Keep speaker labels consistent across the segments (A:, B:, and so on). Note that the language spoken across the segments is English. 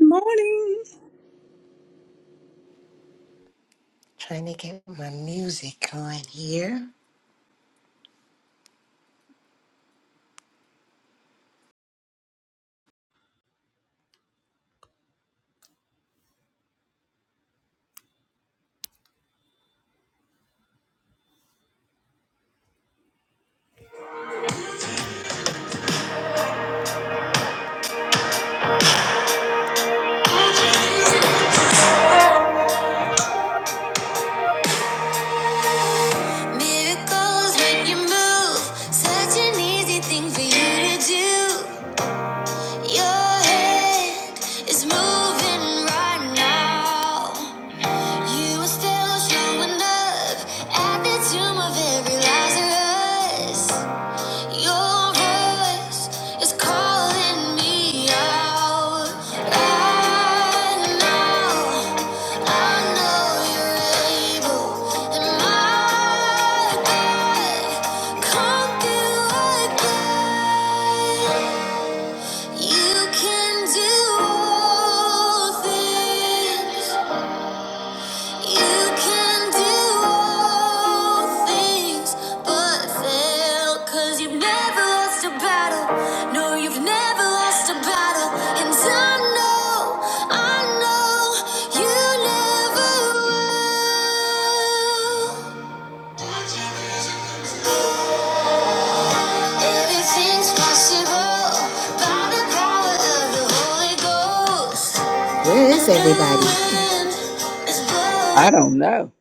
A: morning.
B: Trying to get my music going here. Miracles when you move, such an easy thing for you to do. Your head is moving right now. You are still showing up at the tomb of every Lazarus. Your voice is calling me out. I know, I know you're able, and my God can't do again. You can do all things. No, Where is everybody?
A: I don't know.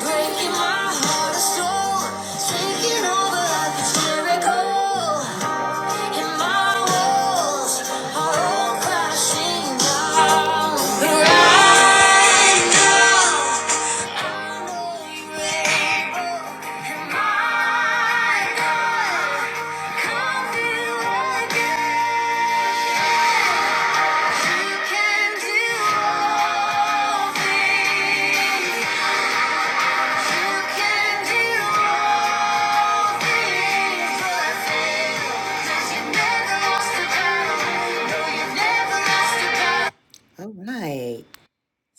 B: Breaking my heart and soul, taking over like it's miracle. And my walls are all crashing down. right now, I know you're able. And my God, come again. You can do all all right, let's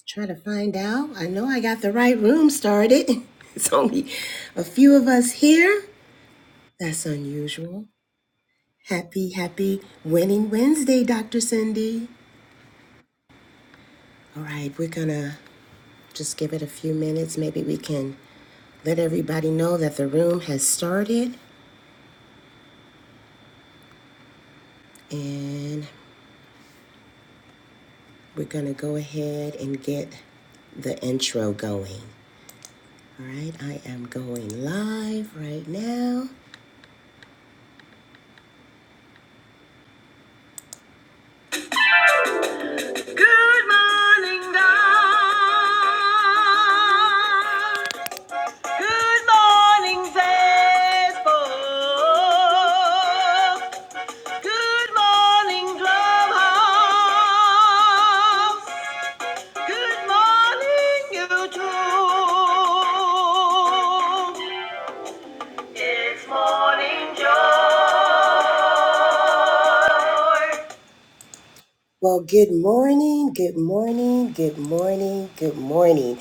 B: try to find out. I know I got the right room started. It's only a few of us here. That's unusual. Happy, happy Winning Wednesday, Dr. Cindy. All right, we're gonna just give it a few minutes. Maybe we can let everybody know that the room has started. And We're going to go ahead and get the intro going. All right, I am going live right now. Morning, God. Good morning, Facebook. Good morning, Clubhouse. Good morning, YouTube. It's morning, Joe. Well, good morning, good morning, good morning, good morning.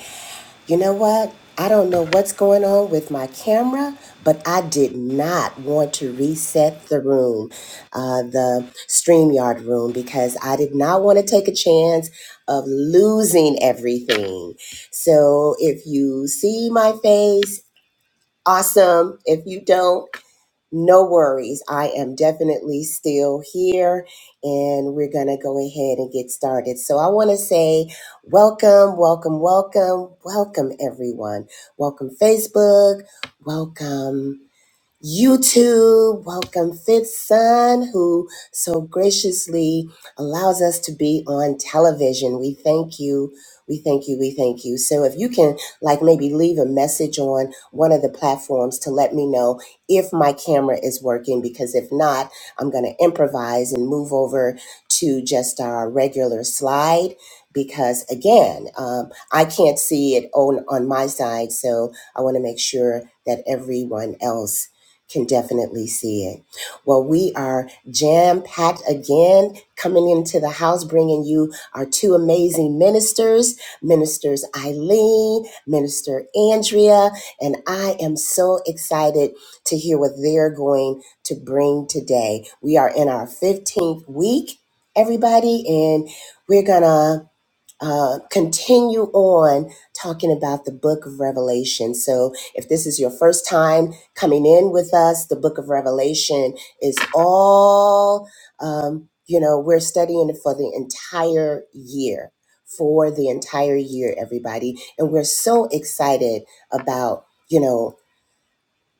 B: You know what? I don't know what's going on with my camera, but I did not want to reset the room, uh, the StreamYard room, because I did not want to take a chance of losing everything. So if you see my face, awesome. If you don't, no worries. I am definitely still here and we're going to go ahead and get started. So I want to say welcome, welcome, welcome, welcome everyone. Welcome Facebook. Welcome. YouTube, welcome Fifth Son, who so graciously allows us to be on television. We thank you. We thank you. We thank you. So if you can like maybe leave a message on one of the platforms to let me know if my camera is working, because if not, I'm going to improvise and move over to just our regular slide because again, um, I can't see it on, on my side. So I want to make sure that everyone else can definitely see it. Well, we are jam packed again, coming into the house, bringing you our two amazing ministers, Ministers Eileen, Minister Andrea, and I am so excited to hear what they're going to bring today. We are in our 15th week, everybody, and we're gonna uh, continue on talking about the book of Revelation. So, if this is your first time coming in with us, the book of Revelation is all, um, you know, we're studying it for the entire year, for the entire year, everybody. And we're so excited about, you know,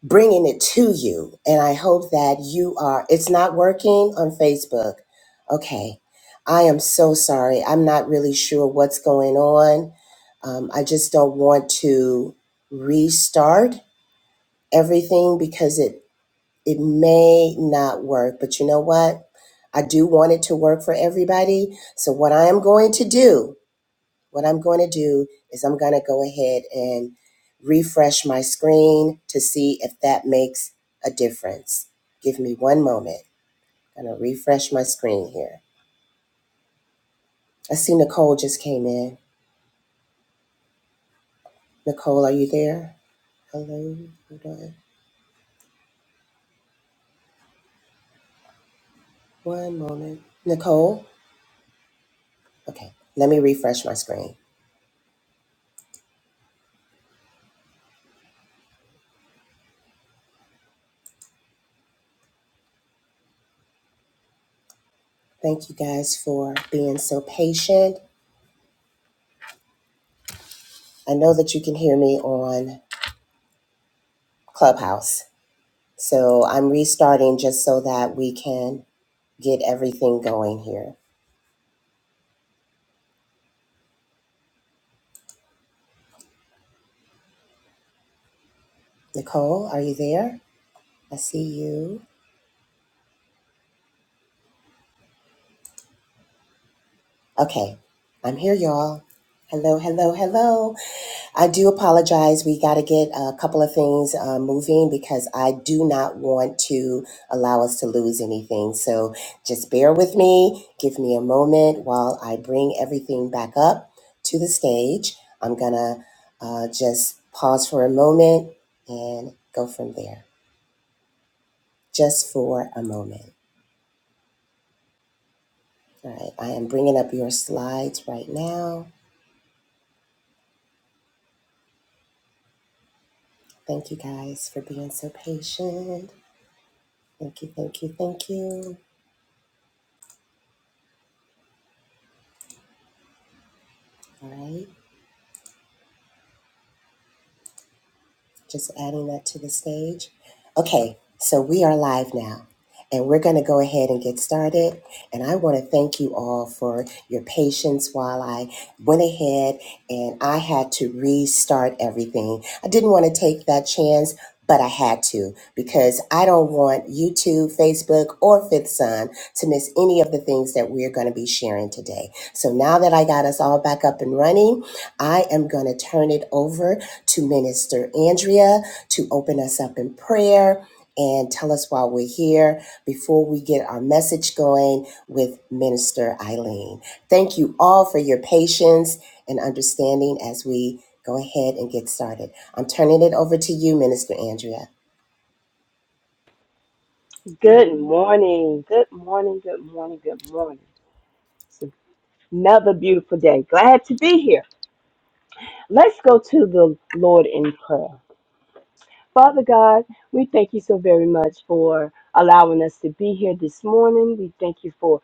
B: bringing it to you. And I hope that you are, it's not working on Facebook. Okay. I am so sorry. I'm not really sure what's going on. Um, I just don't want to restart everything because it, it may not work. But you know what? I do want it to work for everybody. So what I am going to do what I'm going to do is I'm going to go ahead and refresh my screen to see if that makes a difference. Give me one moment. I'm going to refresh my screen here. I see Nicole just came in. Nicole, are you there? Hello. Hold on. One moment. Nicole? Okay. Let me refresh my screen. Thank you guys for being so patient. I know that you can hear me on Clubhouse. So I'm restarting just so that we can get everything going here. Nicole, are you there? I see you. Okay, I'm here, y'all. Hello, hello, hello. I do apologize. We got to get a couple of things uh, moving because I do not want to allow us to lose anything. So just bear with me. Give me a moment while I bring everything back up to the stage. I'm going to uh, just pause for a moment and go from there, just for a moment. All right, I am bringing up your slides right now. Thank you guys for being so patient. Thank you, thank you, thank you. All right. Just adding that to the stage. Okay, so we are live now, and we're going to go ahead and get started. And I want to thank you all for your patience while I went ahead and I had to restart everything. I didn't want to take that chance. But I had to because I don't want YouTube, Facebook, or Fifth Sun to miss any of the things that we're going to be sharing today. So now that I got us all back up and running, I am going to turn it over to Minister Andrea to open us up in prayer and tell us why we're here before we get our message going with Minister Eileen. Thank you all for your patience and understanding as we go ahead and get started. I'm turning it over to you, Minister Andrea.
C: Good morning. Good morning. Good morning. Good morning. It's another beautiful day. Glad to be here. Let's go to the Lord in prayer. Father God, we thank you so very much for allowing us to be here this morning. We thank you for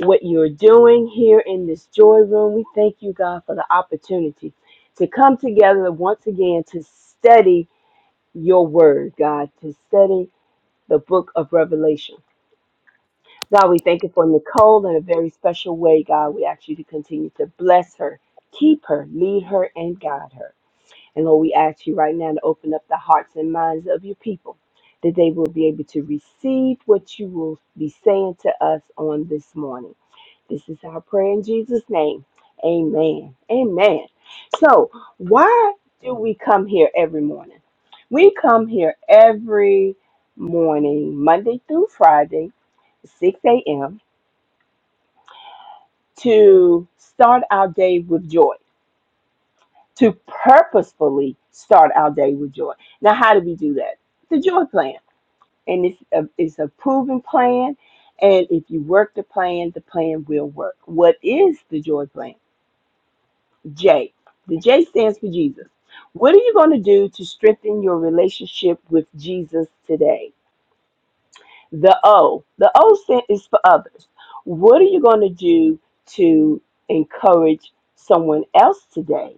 C: what you're doing here in this joy room. We thank you, God, for the opportunity to come together once again to study your word, God, to study the book of Revelation. God, we thank you for Nicole in a very special way, God. We ask you to continue to bless her, keep her, lead her, and guide her. And Lord, we ask you right now to open up the hearts and minds of your people that they will be able to receive what you will be saying to us on this morning. This is our prayer in Jesus' name. Amen. Amen. So, why do we come here every morning? We come here every morning, Monday through Friday. 6 a.m to start our day with joy, to purposefully start our day with joy. Now, how do we do that? It's a joy plan, and it's a, it's a proven plan. And if you work the plan, the plan will work. What is the joy plan? J. The J stands for Jesus. What are you going to do to strengthen your relationship with Jesus today? The O. The O stand is for others. What are you going to do to encourage someone else today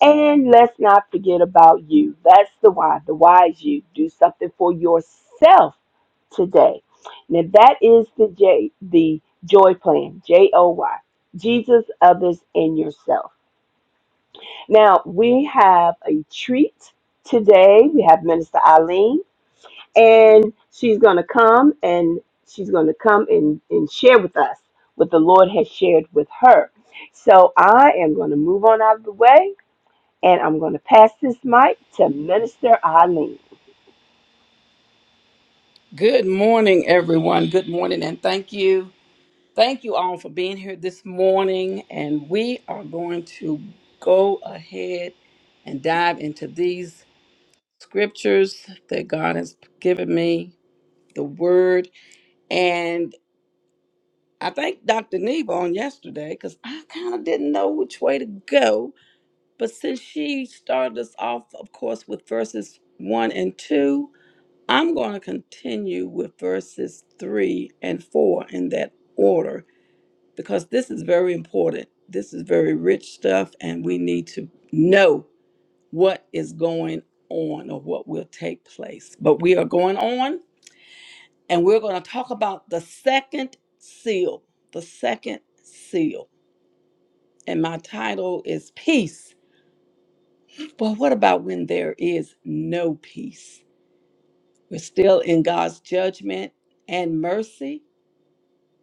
C: And let's not forget about you. That's the why. The why is you. Do something for yourself today. Now that is the J the joy plan. J O Y. Jesus, others, and yourself. Now we have a treat today. We have Minister Eileen, and she's gonna come and she's gonna come and, and share with us what the Lord has shared with her. So I am gonna move on out of the way and I'm going to pass this mic to Minister Eileen.
A: Good morning, everyone. Good morning, and thank you. Thank you all for being here this morning. And we are going to go ahead and dive into these scriptures that God has given me, the word. And I thanked Dr. Neva on yesterday because I kind of didn't know which way to go. But since she started us off, of course, with verses one and two, I'm going to continue with verses 3 and 4 in that order because this is very important. This is very rich stuff, and we need to know what is going on or what will take place. But we are going on, and we're going to talk about the second seal. The second seal. And my title is Peace. Well, what about when there is no peace? We're still in God's judgment and mercy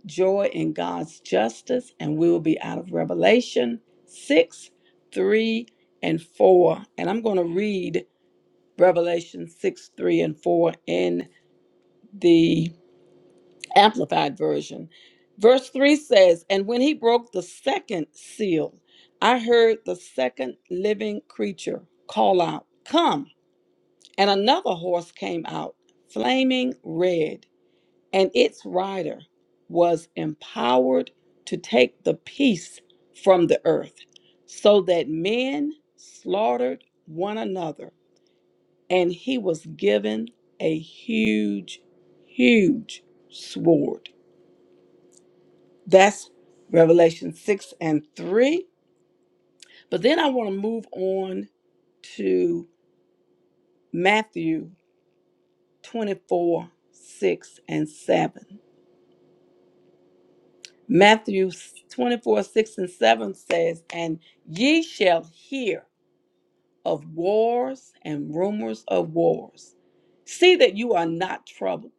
A: joy in God's justice, and we will be out of Revelation 6, 3, and 4. And I'm going to read Revelation 6, 3, and 4 in the Amplified Version. Verse 3 says, And when he broke the second seal, I heard the second living creature call out, 'Come!' And another horse came out, flaming red and its rider was empowered to take the peace from the earth, so that men slaughtered one another. And he was given a huge, huge sword. That's Revelation 6 and 3. But then I want to move on to Matthew 24 6 and 7. Matthew 24, 6 and 7 says, And ye shall hear of wars and rumors of wars. See that you are not troubled.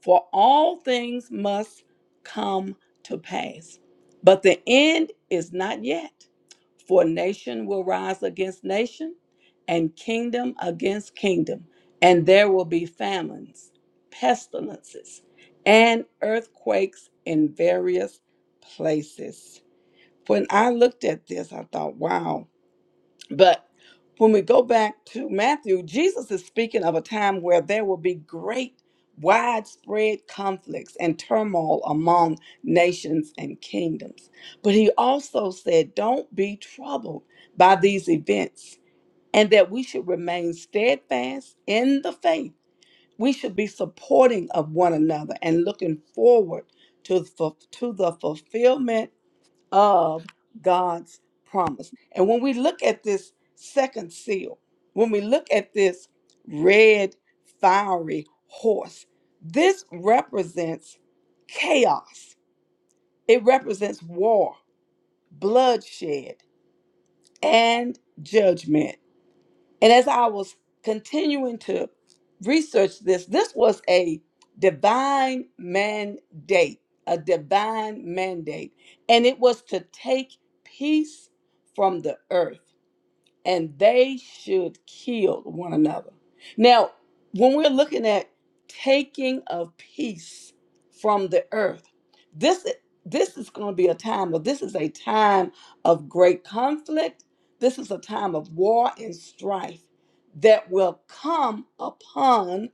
A: For all things must come to pass, but the end is not yet. For nation will rise against nation, and kingdom against kingdom, and there will be famines, pestilences, and earthquakes in various places. When I looked at this, I thought, wow, but when we go back to Matthew, Jesus is speaking of a time where there will be great, widespread conflicts and turmoil among nations and kingdoms. But he also said, Don't be troubled by these events, and that we should remain steadfast in the faith. We should be supporting of one another and looking forward to, the- to the fulfillment of God's promise. And when we look at this second seal, when we look at this red fiery horse, this represents chaos. It represents war, bloodshed, and judgment. And as I was continuing to research this, this was a divine mandate, a divine mandate. And it was to take peace from the earth and they should kill one another. Now, when we're looking at taking of peace from the earth, this this is going to be a time of this is a time of great conflict. This is a time of war and strife that will come upon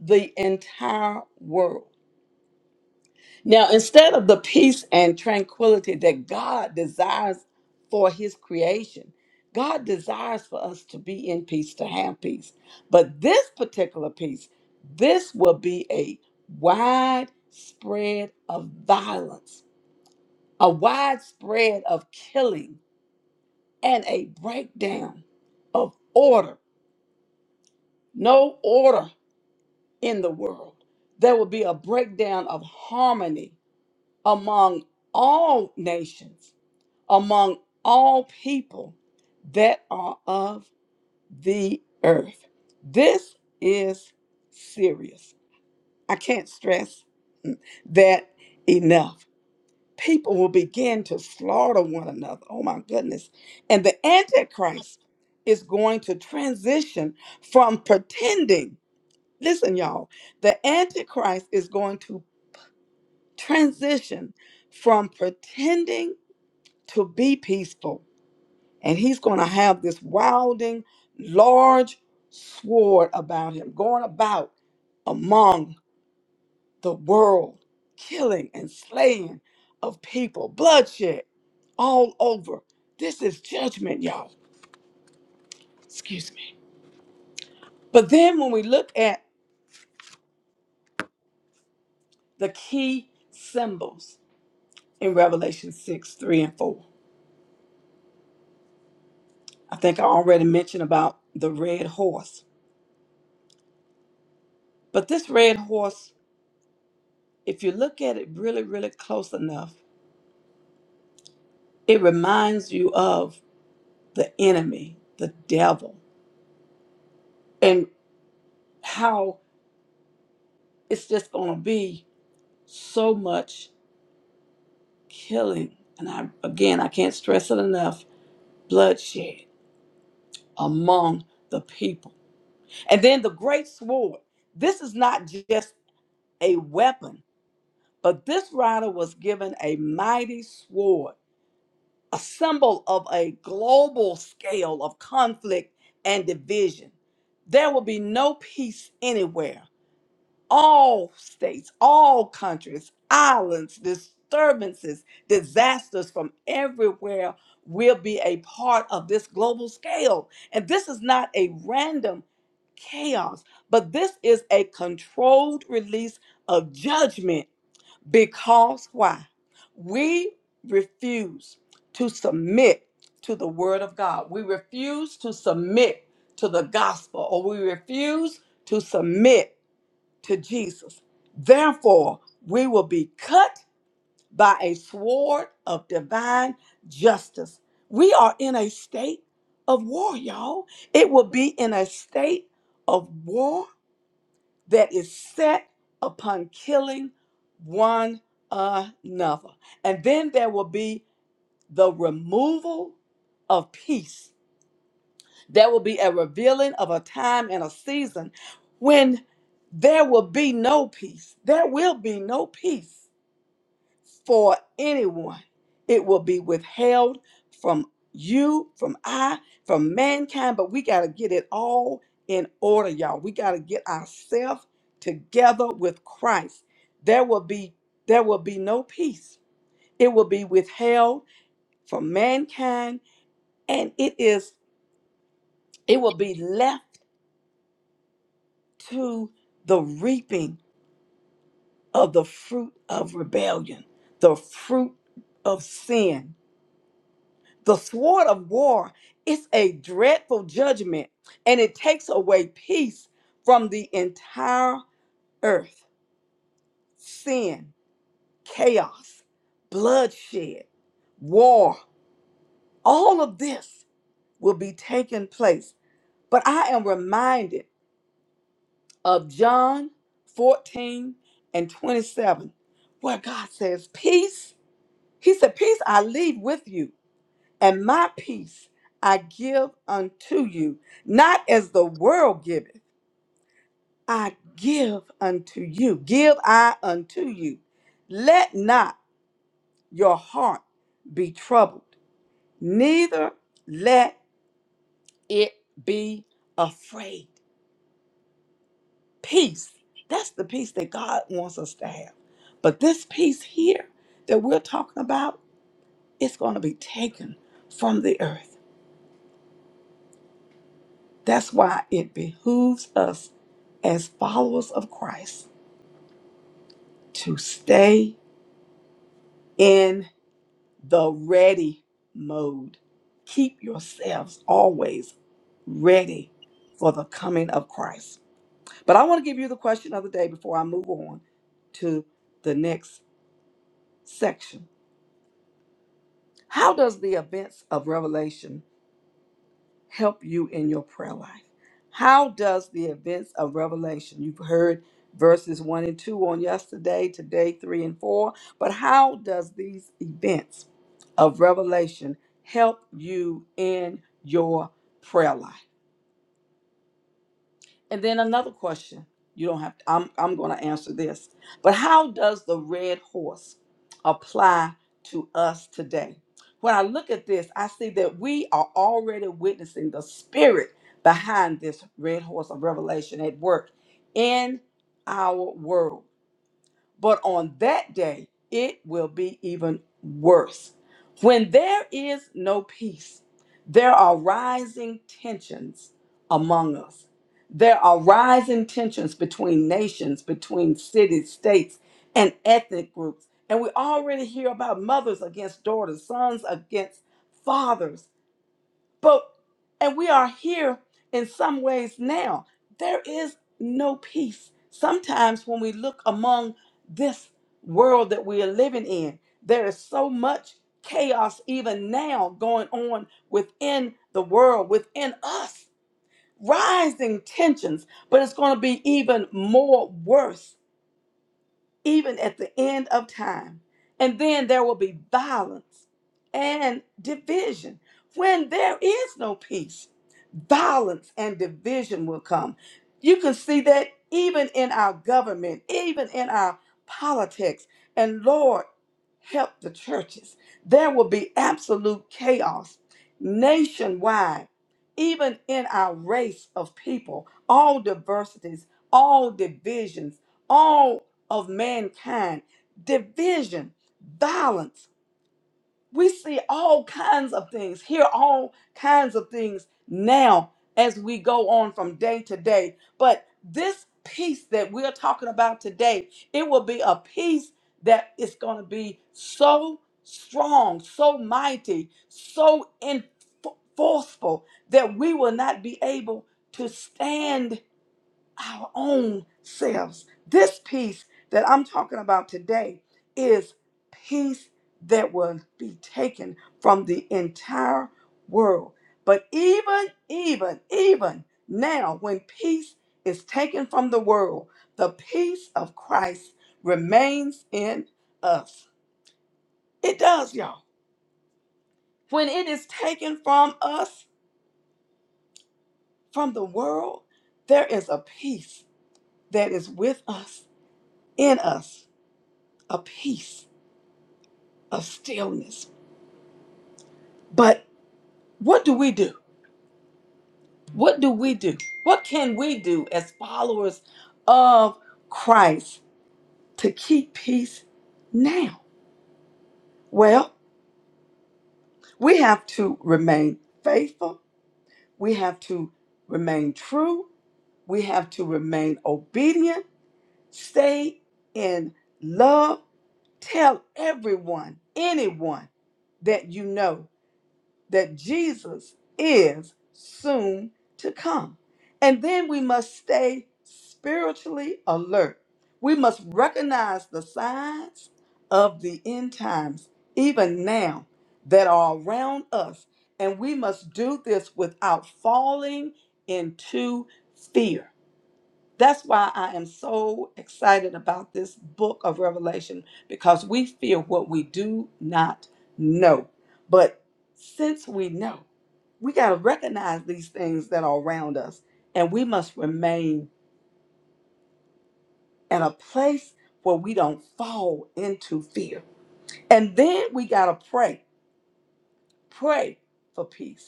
A: the entire world. Now, instead of the peace and tranquility that God desires for his creation, God desires for us to be in peace, to have peace. But this particular peace, this will be a widespread of violence, a widespread of killing, and a breakdown of order. No order in the world. There will be a breakdown of harmony among all nations among all people that are of the earth. This is serious. I can't stress that enough. People will begin to slaughter one another. Oh my goodness. And the Antichrist is going to transition from pretending. Listen, y'all, the Antichrist is going to transition from pretending to be peaceful and he's going to have this wilding large sword about him going about among the world killing and slaying of people bloodshed all over this is judgment y'all excuse me but then when we look at the key symbols in revelation 6 3 and 4 i think i already mentioned about the red horse but this red horse if you look at it really really close enough it reminds you of the enemy, the devil, and how it's just going to be so much killing. And I, again, I can't stress it enough bloodshed among the people. And then the great sword. This is not just a weapon, but this rider was given a mighty sword, a symbol of a global scale of conflict and division. There will be no peace anywhere all states, all countries, islands, disturbances, disasters from everywhere will be a part of this global scale. And this is not a random chaos, but this is a controlled release of judgment because why? We refuse to submit to the word of God. We refuse to submit to the gospel or we refuse to submit to Jesus. Therefore, we will be cut by a sword of divine justice. We are in a state of war, y'all. It will be in a state of war that is set upon killing one another. And then there will be the removal of peace there will be a revealing of a time and a season when there will be no peace. There will be no peace for anyone. It will be withheld from you, from I, from mankind, but we got to get it all in order, y'all. We got to get ourselves together with Christ. There will be there will be no peace. It will be withheld from mankind and it is it will be left to the reaping of the fruit of rebellion, the fruit of sin. The sword of war is a dreadful judgment and it takes away peace from the entire earth. Sin, chaos, bloodshed, war, all of this will be taking place. But I am reminded of John 14 and 27, where God says, Peace He said, Peace I leave with you, and my peace I give unto you, not as the world giveth, I give unto you. Give I unto you. Let not your heart be troubled, neither let it be afraid. Peace. That's the peace that God wants us to have. But this peace here that we're talking about, it's going to be taken from the earth. That's why it behooves us as followers of Christ to stay in the ready mode. Keep yourselves always ready for the coming of Christ. But I want to give you the question of the day before I move on to the next section. How does the events of Revelation help you in your prayer life. How does the events of Revelation, you've heard verses 1 and 2 on yesterday, today 3 and 4, but how does these events of Revelation help you in your prayer life? And then another question. You don't have to, I'm I'm going to answer this. But how does the red horse apply to us today? When I look at this, I see that we are already witnessing the spirit behind this red horse of revelation at work in our world. But on that day, it will be even worse. When there is no peace, there are rising tensions among us. There are rising tensions between nations, between cities, states, and ethnic groups. And we already hear about mothers against daughters, sons against fathers but and we are here in some ways now. There is no peace. Sometimes when we look among this world that we are living in, there is so much chaos even now going on within the world, within us, rising tensions, but it's going to be even more worse even at the end of time. And then there will be violence and division. When there is no peace, violence and division will come. You can see that even in our government, even in our politics. And Lord, help the churches. There will be absolute chaos nationwide, even in our race of people, all diversities, all divisions, all of mankind, division, violence. We see all kinds of things, hear all kinds of things now as we go on from day to day. But this peace that we're talking about today, it will be a peace that is going to be so strong, so mighty, so in- that we will not be able to stand our own selves. This peace that I'm talking about today is peace that will be taken from the entire world. But even, even, even now, when peace is taken from the world, the peace of Christ remains in us. It does, y'all. When it is taken from us, from the world, there is a peace that is with us, in us, a peace of stillness. But what do we do? What do we do? What can we do as followers of Christ to keep peace now? Well, we have to remain faithful. We have to remain true. We have to remain obedient. Stay in love. Tell everyone, anyone that you know that Jesus is soon to come. And then we must stay spiritually alert. We must recognize the signs of the end times, even now, that are around us. And we must do this without falling into fear that's why I am so excited about this book of Revelation because we fear what we do not know. But since we know, we got to recognize these things that are around us and we must remain in a place where we don't fall into fear. And then we got to pray, pray for peace.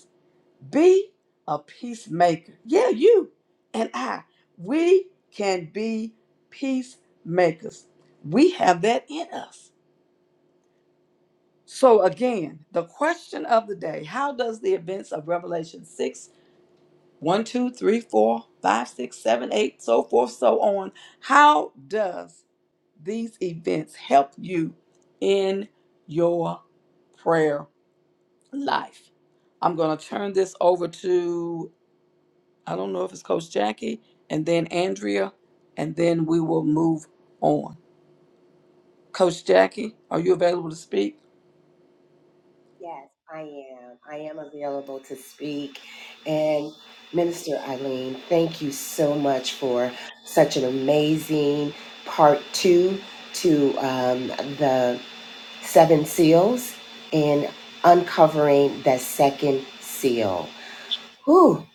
A: Be a peacemaker. Yeah, you and I, we can be peacemakers. We have that in us. So, again, the question of the day how does the events of Revelation six, one, two, three, four, five, six, seven, eight, so forth, so on, how does these events help you in your prayer life? I'm going to turn this over to I don't know if it's Coach Jackie and then Andrea, and then we will move on. Coach Jackie, are you available to speak?
B: Yes, I am. I am available to speak. And Minister Eileen, thank you so much for such an amazing part two to um, the seven seals and uncovering the second seal. Whew,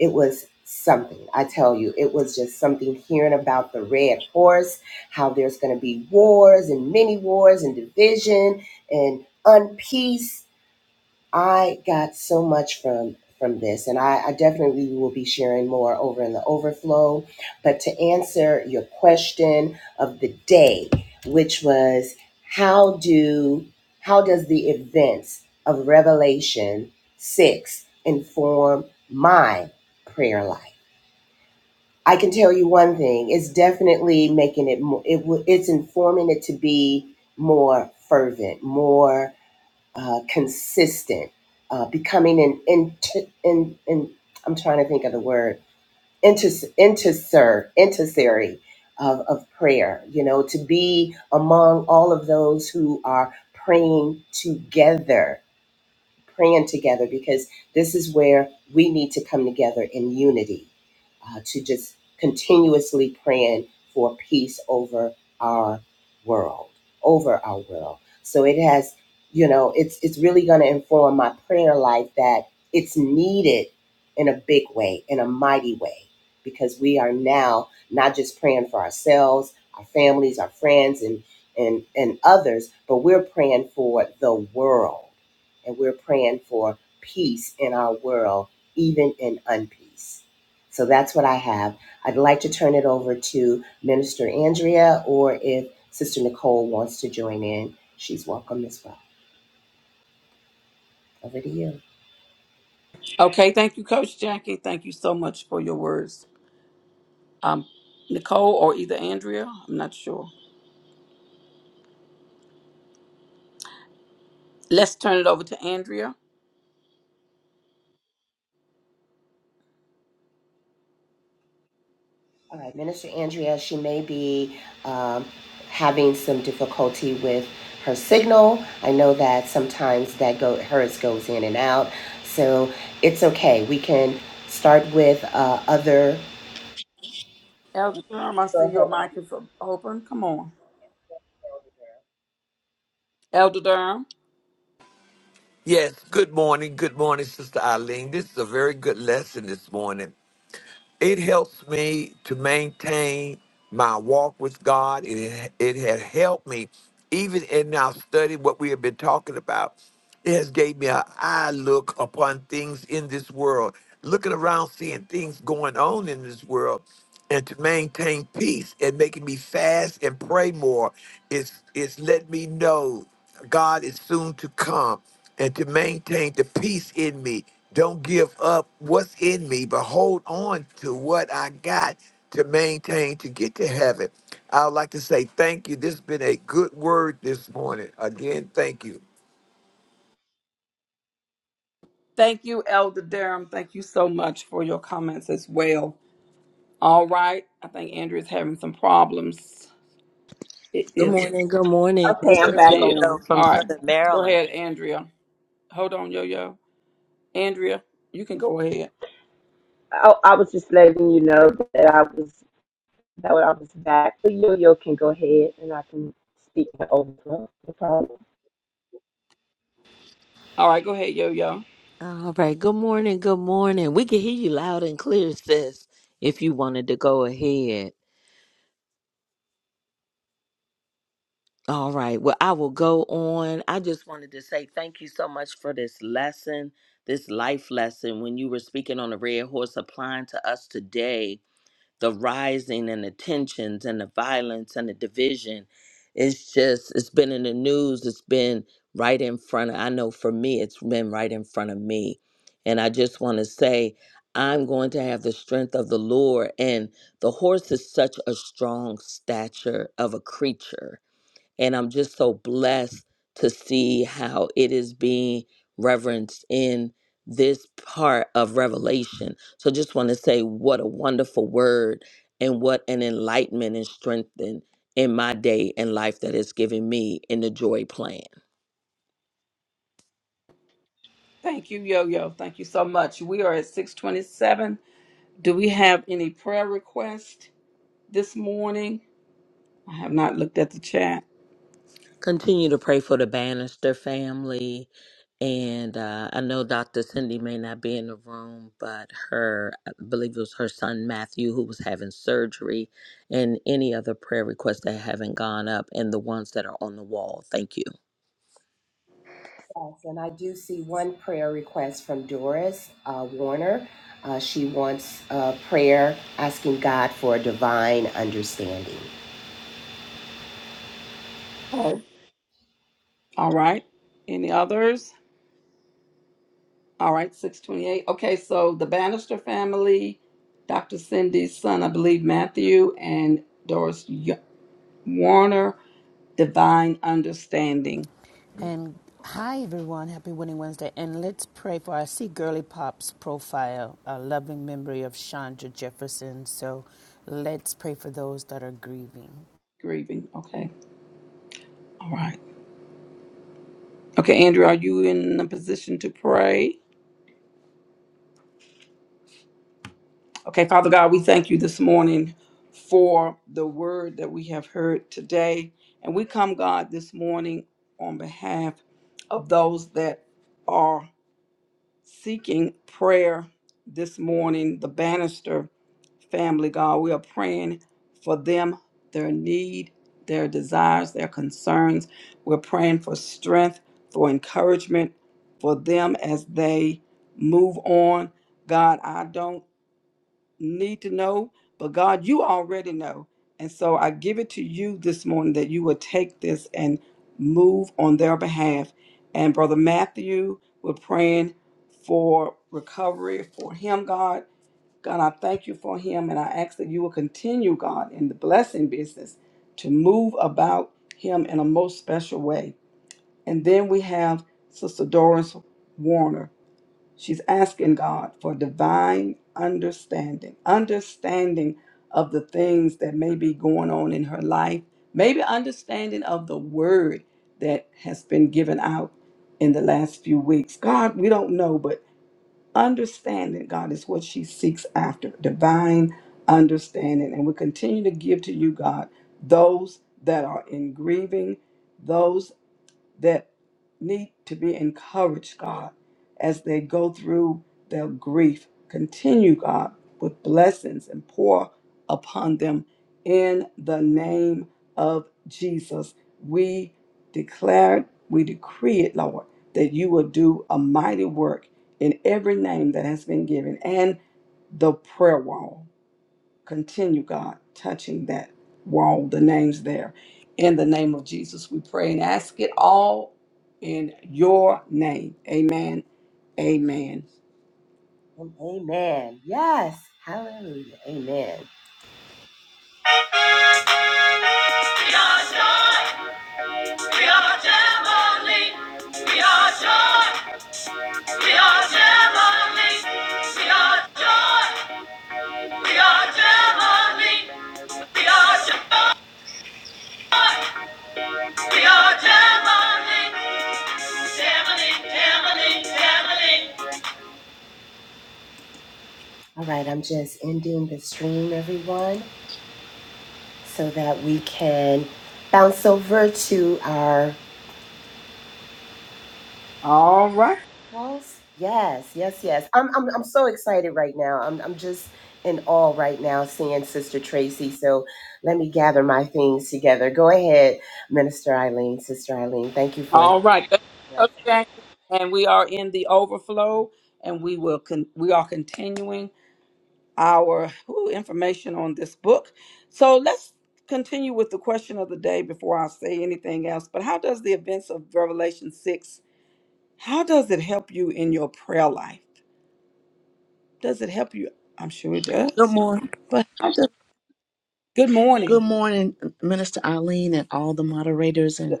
B: it was something. I tell you, it was just something hearing about the red horse, how there's going to be wars and many wars and division and unpeace I got so much from from this, and I, I definitely will be sharing more over in the overflow. But to answer your question of the day, which was how do how does the events of Revelation six inform my prayer life? I can tell you one thing: it's definitely making it more. It, w- it's informing it to be more fervent, more uh, consistent, uh, becoming an inter, in, in, I'm trying to think of the word, inter, interser, intercessory of, of prayer, you know, to be among all of those who are praying together praying together because this is where we need to come together in unity uh, to just continuously praying for peace over our world, over our world. So it has, you know, it's it's really going to inform my prayer life that it's needed in a big way, in a mighty way, because we are now not just praying for ourselves, our families, our friends, and and and others, but we're praying for the world and we're praying for peace in our world, even in unpeace. So that's what I have. I'd like to turn it over to Minister Andrea, or if Sister Nicole wants to join in, she's welcome as well. Over to you.
A: Okay, thank you, Coach Jackie. Thank you so much for your words. Um, Nicole or either Andrea, I'm not sure. Let's turn it over to Andrea.
B: All right, Minister Andrea, she may be um, having some difficulty with her signal. I know that sometimes that go hers goes in and out, so it's okay. We can start with uh, other.
A: Elder Durham, I
B: Go
A: see your
B: ahead.
A: mic is open. Come on. Elder Durham.
D: Yes, good morning. Good morning, Sister Eileen. This is a very good lesson this morning. It helps me to maintain my walk with God. It, it has helped me even in our study, what we have been talking about. It has gave me an eye look upon things in this world, looking around, seeing things going on in this world and to maintain peace and making me fast and pray more is is let me know God is soon to come and to maintain the peace in me. Don't give up what's in me, but hold on to what I got to maintain to get to heaven. I would like to say thank you. This has been a good word this morning. Again, thank you.
A: Thank you, Elder Durham. Thank you so much for your comments as well. All right. I think Andrea's having some problems. It
E: Good
A: is.
E: morning. Good morning.
C: Okay,
E: This
C: I'm
A: There
E: is
C: back
E: Yo
A: she is.
E: Yo
C: on.
E: from
A: All right.
E: Southern
A: Go
E: Maryland.
A: ahead, Andrea. Hold on, Yo Yo. Andrea, you can go ahead.
C: I, I was just letting you know that I was that I was back. But Yo-Yo can go ahead and I can speak in overflow. No problem.
A: All right, go ahead, Yo Yo.
E: All right. Good morning. Good morning. We can hear you loud and clear, sis, if you wanted to go ahead. All right. Well, I will go on. I just wanted to say thank you so much for this lesson, this life lesson, when you were speaking on the Red Horse, applying to us today. the rising and the tensions and the violence and the division. It's just, it's been in the news. It's been right in front of, I know for me, it's been right in front of me. And I just want to say, I'm going to have the strength of the Lord. And the horse is such a strong stature of a creature and I'm just so blessed to see how it is being reverenced in this part of Revelation. So just want to say what a wonderful word and what an enlightenment and strengthen in my day and life that it's given me in the joy plan.
A: Thank you, Yo Yo. Thank you so much. We are at 627. Do we have any prayer requests this morning? I have not looked at the chat.
E: Continue to pray for the Bannister family. And uh, I know Dr. Cindy may not be in the room, but her, I believe it was her son Matthew, who was having surgery, and any other prayer requests that haven't gone up, and the ones that are on the wall. Thank you.
B: Yes, and I do see one prayer request from Doris uh, Warner. Uh, she wants a prayer asking God for divine understanding.
A: Oh. All right. Any others? All right, 628. Okay, so the Bannister family, Dr. Cindy's son, I believe Matthew, and Doris Y- Warner, divine understanding.
F: And hi, everyone. Happy Winning Wednesday. And let's pray for. our see Girly Pop's profile, a loving memory of Chandra Jefferson. So let's pray for those that are grieving.
A: grieving. Okay. All right. Okay, Andrew, are you in a position to pray? Okay, Father God, we thank you this morning for the word that we have heard today. And we come, God, this morning on behalf of those that are. seeking prayer this morning, the Bannister family, God. We are praying for them, their need, their desires, their concerns. We're praying for strength, for encouragement for them as they move on. God, I don't need to know, but God, you already know. And so I give it to you this morning that you will take this and move on their behalf. And Brother Matthew, we're praying for recovery for him, God. God, I thank you for him, and I ask that you will continue, God, in the blessing business to move about him in a most special way. And then we have Sister Doris Warner. She's asking God for divine understanding, understanding of the things that may be going on in her life, maybe understanding of the word that has been given out in the last few weeks. God, we don't know, but understanding, God, is what she seeks after divine understanding. And we continue to give to you, God, those that are in grieving. those that need to be encouraged, God, as they go through their grief. Continue, God, with blessings and pour upon them in the name of Jesus. We declare, we decree it, Lord, that you will do a mighty work in every name that has been given and the prayer wall. Continue, God, touching that wall, the names there. In the name of Jesus, we pray and ask it all in your name. Amen. Amen.
B: And amen. Yes. Hallelujah. Amen. We are joy. We are heavenly. We are joy. We are heavenly. We are joy. We are heavenly. We are joy. We are heavenly. Heavenly, heavenly, heavenly. All right, I'm just ending the stream, everyone, so that we can bounce over to our
A: All right.
B: calls. Yes, yes, yes. I'm, I'm, I'm so excited right now. I'm, I'm just in awe right now seeing Sister Tracy. So let me gather my things together. Go ahead, Minister Eileen, Sister Eileen. Thank you for
A: All right. Thank you,
B: blessing.
A: Coach Jane. And we are in the overflow, and we will con- we are continuing our ooh, information on this book. So let's continue with the question of the day before I say anything else. But how does the events of Revelation 6 How does it help you in your prayer life? Does it help you? I'm sure it
G: Good
A: does.
G: morning.
A: But how does, good
G: Good
A: morning.
G: morning, Minister Eileen and all the moderators and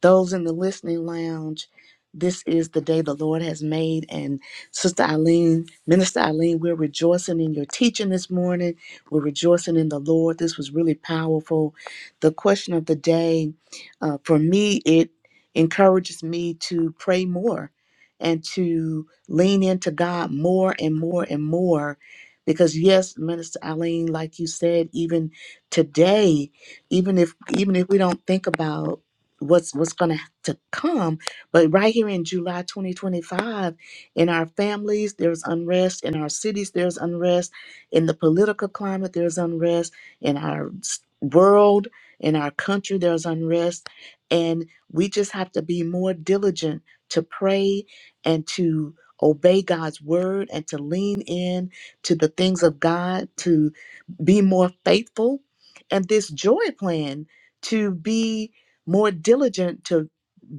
G: those in the listening lounge, this is the day the Lord has made. And Sister Eileen, Minister Eileen, we're rejoicing in your teaching this morning. We're rejoicing in the Lord. This was really powerful. The question of the day, uh, for me, it encourages me to pray more and to lean into God more and more and more. Because yes, Minister Eileen, like you said, even today, even if even if we don't think about what's what's going to come but right here in july 2025 in our families there's unrest in our cities there's unrest in the political climate there's unrest in our s- world in our country there's unrest and we just have to be more diligent to pray and to obey god's word and to lean in to the things of god to be more faithful, and this joy plan to be more diligent to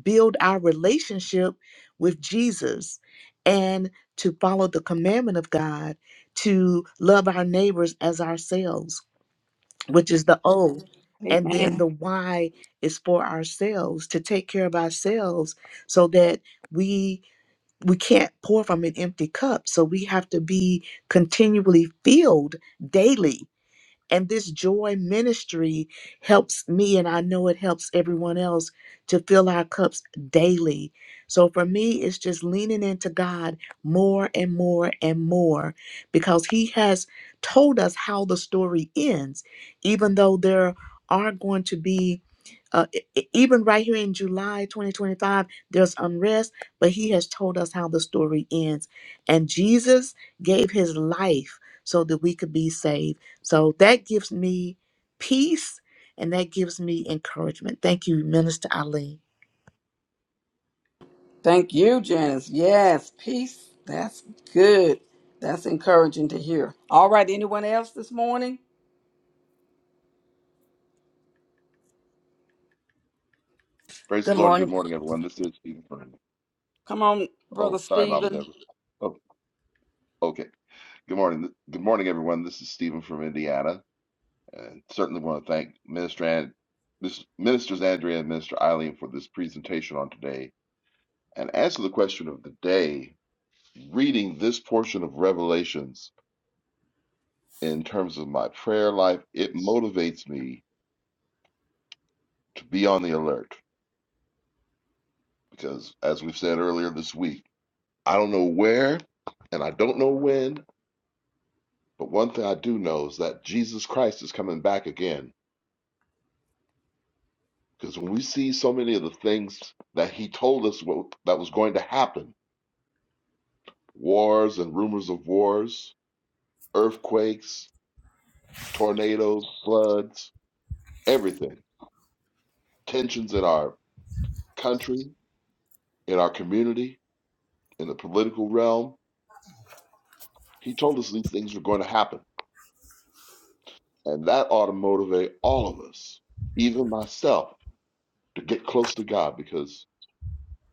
G: build our relationship with Jesus and to follow the commandment of God to love our neighbors as ourselves, which is the O. And then
A: Amen.
G: the why is for ourselves to take care of ourselves so that we we can't pour from an empty cup. So we have to be continually filled daily and this joy ministry helps me, and I know it helps everyone else to fill our cups daily. So for me, it's just leaning into God more and more and more because He has told us how the story ends, even though there are going to be. Uh, e- e- even right here in July 2025, there's unrest, but he has told us how the story ends. And Jesus gave his life so that we could be saved. So that gives me peace and that gives me encouragement. Thank you, Minister Eileen.
A: Thank you, Janice. Yes, peace. That's good. That's encouraging to hear. All right, anyone else this morning?
H: Praise the
I: Good
H: Lord and good
I: morning.
H: morning, everyone. This is Stephen Furman.
A: Come on, Brother
H: Oh, sorry, Mama
A: Stephen.
H: Deborah. Oh, okay. Good morning. Good morning, everyone. This is Stephen from Indiana, and certainly want to thank Minister and Ministers Andrea and Minister Eileen for this presentation on today. And answer the question of the day. Reading this portion of Revelations in terms of my prayer life, it motivates me to be on the alert because, as we've said earlier this week, I don't know where and I don't know when But one thing I do know is that Jesus Christ is coming back again. Because when we see so many of the things that he told us what, that was going to happen wars and rumors of wars, earthquakes, tornadoes, floods, everything, tensions in our country, in our community, in the political realm he told us these things were going to happen. And that ought to motivate all of us, even myself, to get close to God because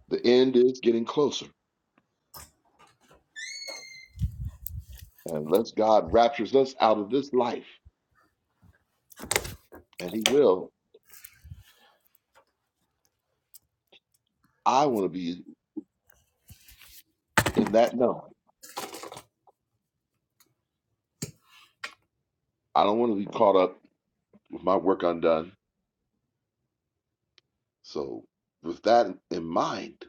H: the end is getting closer. And unless God raptures us out of this life, and He will, I want to be in that knowing. I don't want to be caught up with my work undone. So, with that in mind,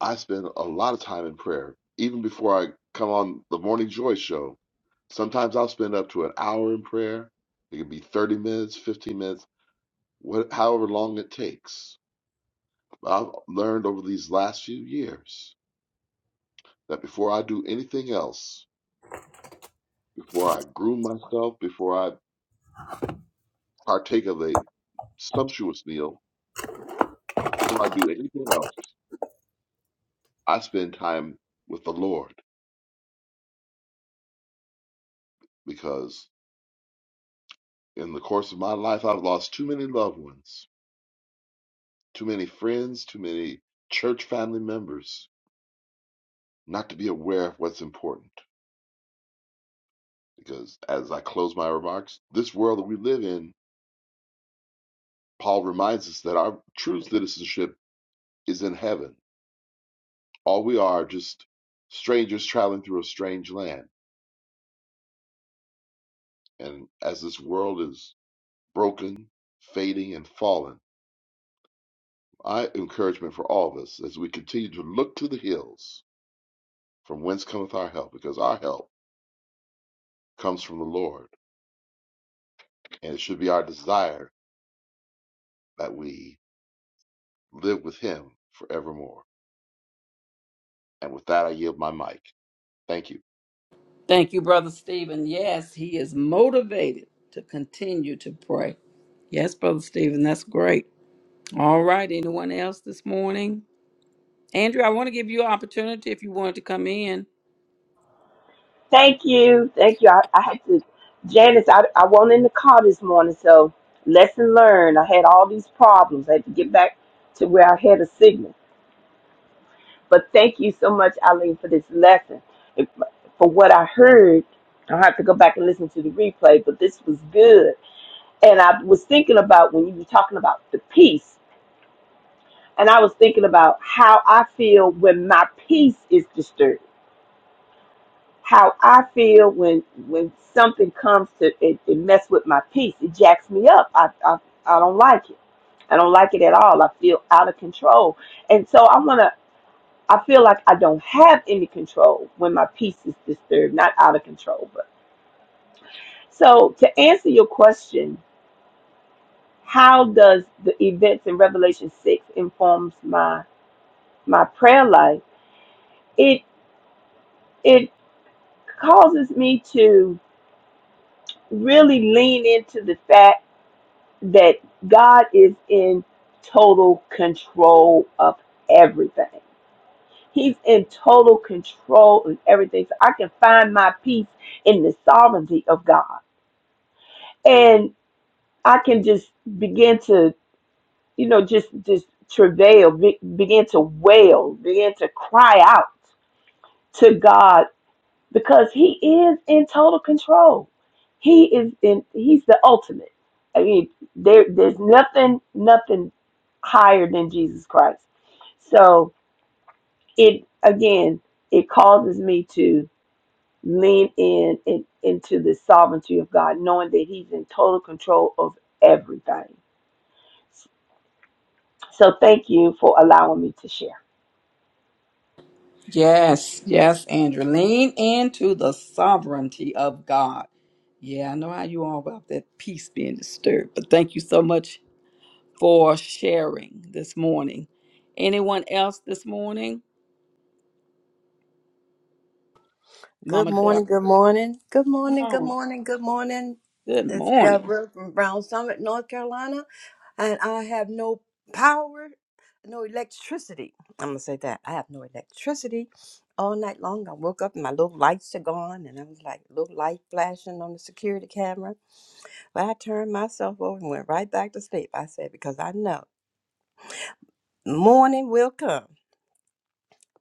H: I spend a lot of time in prayer. Even before I come on the Morning Joy show, sometimes I'll spend up to an hour in prayer. It could be 30 minutes, 15 minutes, what, however long it takes. I've learned over these last few years that before I do anything else, before I groom myself, before I partake of a sumptuous meal before I do anything else. I spend time with the Lord because in the course of my life, I've lost too many loved ones, too many friends, too many church family members, not to be aware of what's important. Because as I close my remarks, this world that we live in, Paul reminds us that our true citizenship is in heaven. All we are just strangers traveling through a strange land. And as this world is broken, fading, and fallen. My encouragement for all of us as we continue to look to the hills from whence cometh our help, because our help comes from the Lord, and it should be our desire that we live with Him forevermore. And with that, I yield my mic. Thank you.
A: Thank you, Brother Stephen. Yes, he is motivated to continue to pray. Yes, Brother Stephen, that's great. All right, anyone else this morning? Andrew, I want to give you an opportunity if you wanted to come in.
C: Thank you. Thank you. I, I had to, Janice, I, I went in the car this morning, so lesson learned. I had all these problems. I had to get back to where I had a signal. But thank you so much, Eileen, for this lesson. If, for what I heard, I'll have to go back and listen to the replay, but this was good. And I was thinking about when you were talking about the peace, and I was thinking about how I feel when my peace is disturbed. How I feel when when something comes to it, it mess with my peace. It jacks me up. I, I I don't like it. I don't like it at all. I feel out of control. And so I want to I feel like I don't have any control when my peace is disturbed, not out of control. But so to answer your question, how does the events in Revelation six informs my my prayer life? It it causes me to really lean into the fact that God is in total control of everything. He's in total control of everything. So I can find my peace in the sovereignty of God and. I can just begin to, you know, just just travail, be, begin to wail, begin to cry out to God because He is in total control. He is in. He's the ultimate. I mean, there there's nothing nothing higher than Jesus Christ. So it again, it causes me to lean in, in into the sovereignty of God, knowing that He's in total control of everything. So thank you for allowing me to share.
A: Yes, yes, Andrew. Lean into the sovereignty of God. Yeah, I know how you all about that peace being disturbed, but thank you so much for sharing this morning. Anyone else this morning?
I: Good
A: Mama Deborah,
I: morning. Good morning. Good
A: come
I: morning. Good
A: on.
I: morning. Good morning.
A: Good
I: It's
A: morning.
I: Deborah from Brown Summit, North Carolina. And I have no power, no electricity. I'm going to say that. I have no electricity all night long. I woke up and my little lights are gone. And I was like, little light flashing on the security camera. But I turned myself over and went right back to sleep. I said, because I know morning will come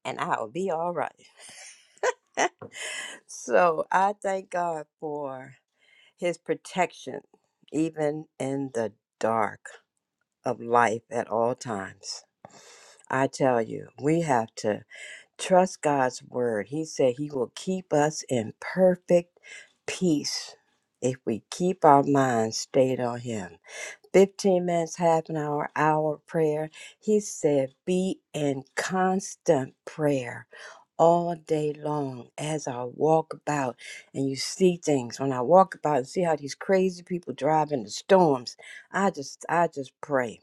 I: and I'll be all right. So I thank God for. his protection, even in the dark of life at all times. I tell you, we have to trust God's word. He said he will keep us in perfect peace if we keep our minds stayed on him. 15 minutes, half an hour, hour of prayer. He said, Be in constant prayer all day long as I walk about and you see things. When I walk about and see how these crazy people drive in the storms, I just I just pray.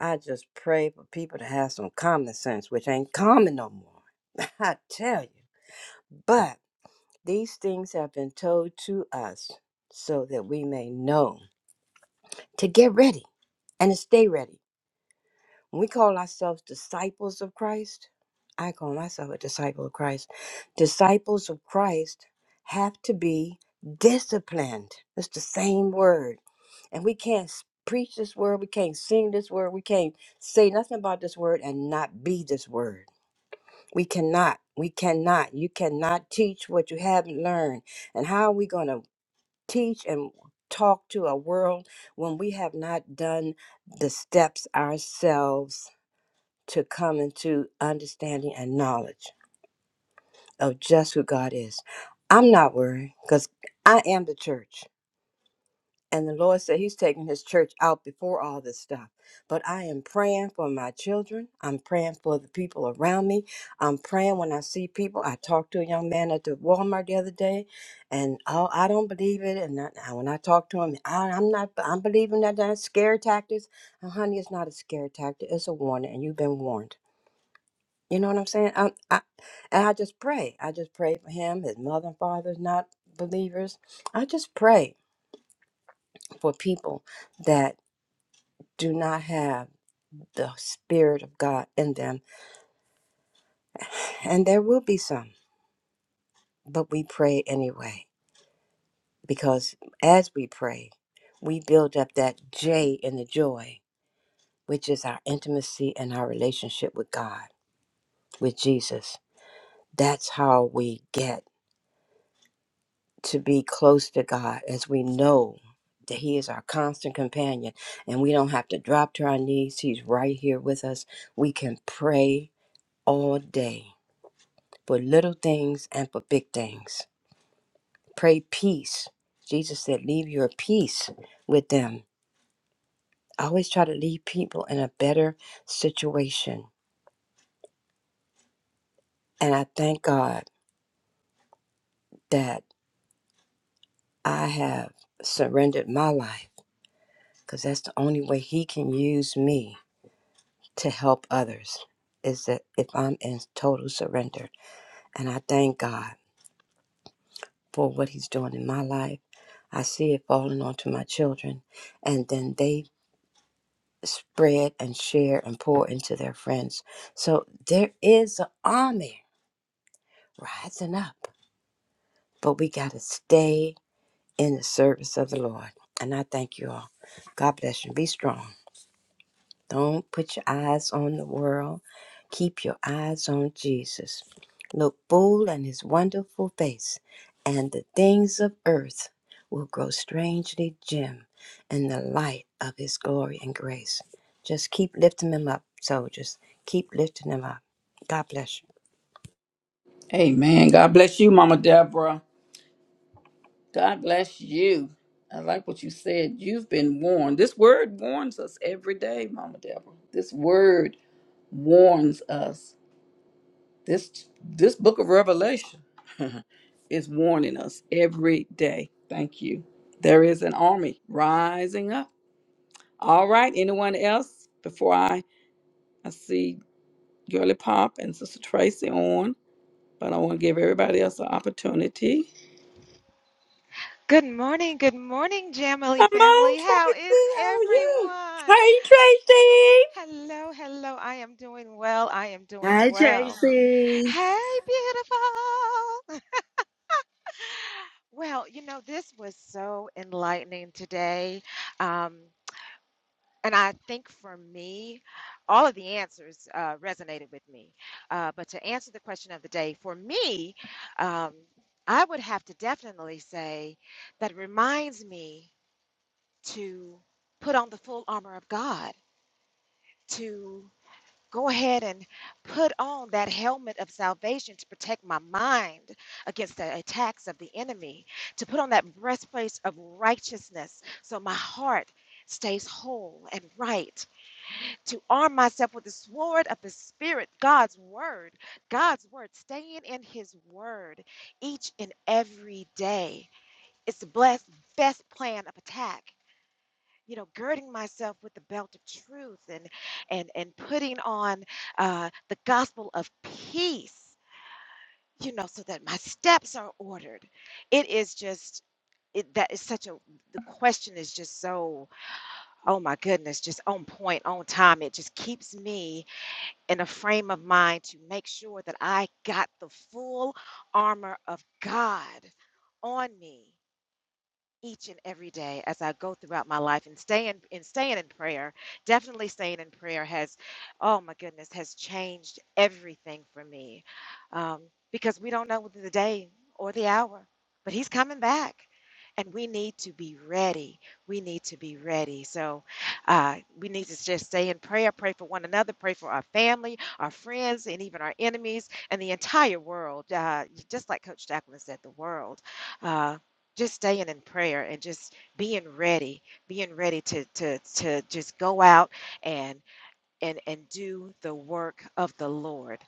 I: I just pray for people to have some common sense, which ain't common no more. I tell you. But these things have been told to us so that we may know to get ready and to stay ready When we call ourselves disciples of Christ, I call myself a disciple of Christ. Disciples of Christ have to be disciplined. It's the same word. And we can't s- preach this word, we can't sing this word, we can't say nothing about this word and not be this word. We cannot. We cannot. You cannot teach what you haven't learned. And how are we going to teach and talk to a world when we have not done the steps ourselves? to come into understanding and knowledge of just who God is. I'm not worried because I am the church. And the Lord said He's taking His church out before all this stuff. But I am praying for my children. I'm praying for the people around me. I'm praying when I see people. I talked to a young man at the Walmart the other day, and oh, I don't believe it. And I, I- when I talk to him, I, I'm not. I'm believing that that's scare tactics. Uh, honey, it's not a scare tactic. It's a warning, and you've been warned. You know what I'm saying? I, I, and I just pray. I just pray for him. His mother and father's not believers. I just pray for people that do not have the Spirit of God in them. And there will be some, but we pray anyway. Because as we pray, we build up that J in the joy, which is our intimacy and our relationship with God, with Jesus. That's how we get to be close to God as we know that He is our constant companion and we don't have to drop to our knees. He's right here with us. We can pray all day for little things and for big things. Pray peace. Jesus said, Leave your peace with them. I always try to leave people in a better situation. And I thank God that I have surrendered my life because that's the only way He can use me to help others is that if I'm in total surrender and I thank God for what He's doing in my life, I see it falling onto my children, and then they spread and share and pour into their friends. So there is an army rising up, but we got to stay in the service of the Lord. And I thank you all. God bless you. Be strong. Don't put your eyes on the world. Keep your eyes on Jesus. Look full in his wonderful face, and the things of earth will grow strangely dim in the light of his glory and grace. Just keep lifting him up, soldiers. Keep lifting him up. God bless you.
A: Amen. God bless you, Mama Deborah. God bless you. I like what you said. You've been warned. This word warns us every day, Mama Deborah. This word warns us This this book of Revelation is warning us every day. Thank you. There is an army rising up. All right, anyone else? Before I I see Girly Pop and Sister Tracy on, but I want to give everybody else an opportunity.
J: Good morning, good morning,
A: Come
J: Jamily
A: on,
J: family. How is
A: Tracy. How are you?
J: everyone?
I: Hey, Tracy!
J: Hello, hello. I am doing well. I am doing
E: Hi,
J: well.
E: Tracy.
J: Hey, beautiful. Well, you know, this was so enlightening today. Um, and I think for me, all of the answers uh, resonated with me. Uh, but to answer the question of the day, for me, um, I would have to definitely say that it reminds me. to put on the full armor of God, to go ahead and put on that helmet of salvation to protect my mind against the attacks of the enemy, to put on that breastplate of righteousness so my heart stays whole and right, to arm myself with the sword of the Spirit, God's word, God's word, staying in His word each and every day. It's the blessed, best plan of attack you know girding myself with the belt of truth and and and putting on uh, the gospel of peace you know so that my steps are ordered it is just it, that is such a the question is just so oh my goodness just on point on time it just keeps me in a frame of mind to make sure that i got the full armor of god on me each and every day as I go throughout my life and staying in staying in prayer, definitely staying in prayer has, oh my goodness, has changed everything for me, um, because we don't know the day or the hour, but He's coming back, and we need to be ready. We need to be ready. So uh, we need to just stay in prayer, pray for one another, pray for our family, our friends, and even our enemies and the entire world. Uh, just like Coach Jacqueline said, the world. Uh, just staying in prayer and just being ready being ready to to to just go out and and and do the work of the lord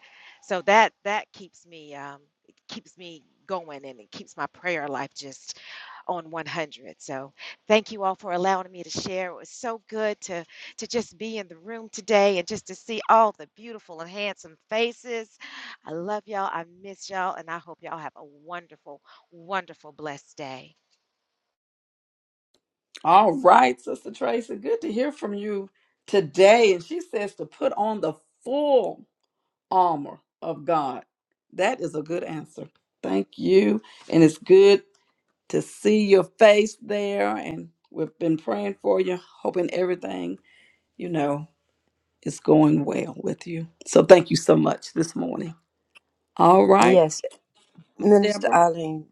J: so that that keeps me um it keeps me going and it keeps my prayer life just on 100 so thank you all for allowing me to share it was so good to to just be in the room today and just to see all the beautiful and handsome faces i love y'all i miss y'all and i hope y'all have a wonderful wonderful blessed day
A: All right, Sister Tracy. Good to hear from you today. And she says to put on the full. armor of God. That is a good answer. Thank you. And it's good to see your face there. And we've been praying for you, hoping everything, you know, is going well with you. So thank you so much this morning. All right,
I: Yes, Minister
A: Deborah.
I: Arlene,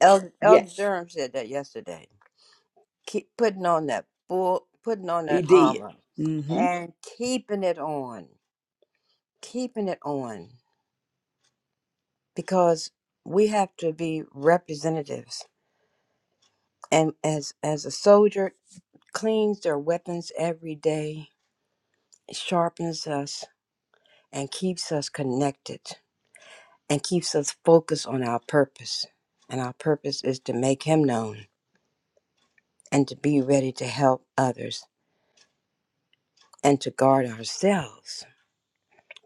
I: Elder, Elder
A: Yes,
I: Durham said that yesterday. keep putting on that full, putting on
A: he
I: that
A: did.
I: armor,
A: hmm
I: and keeping it on, keeping it on, because we have to be representatives. And as as a soldier cleans their weapons every day, sharpens us, and keeps us connected, and keeps us focused on our purpose. And our purpose is to make Him known, and to be ready to help others, and to guard ourselves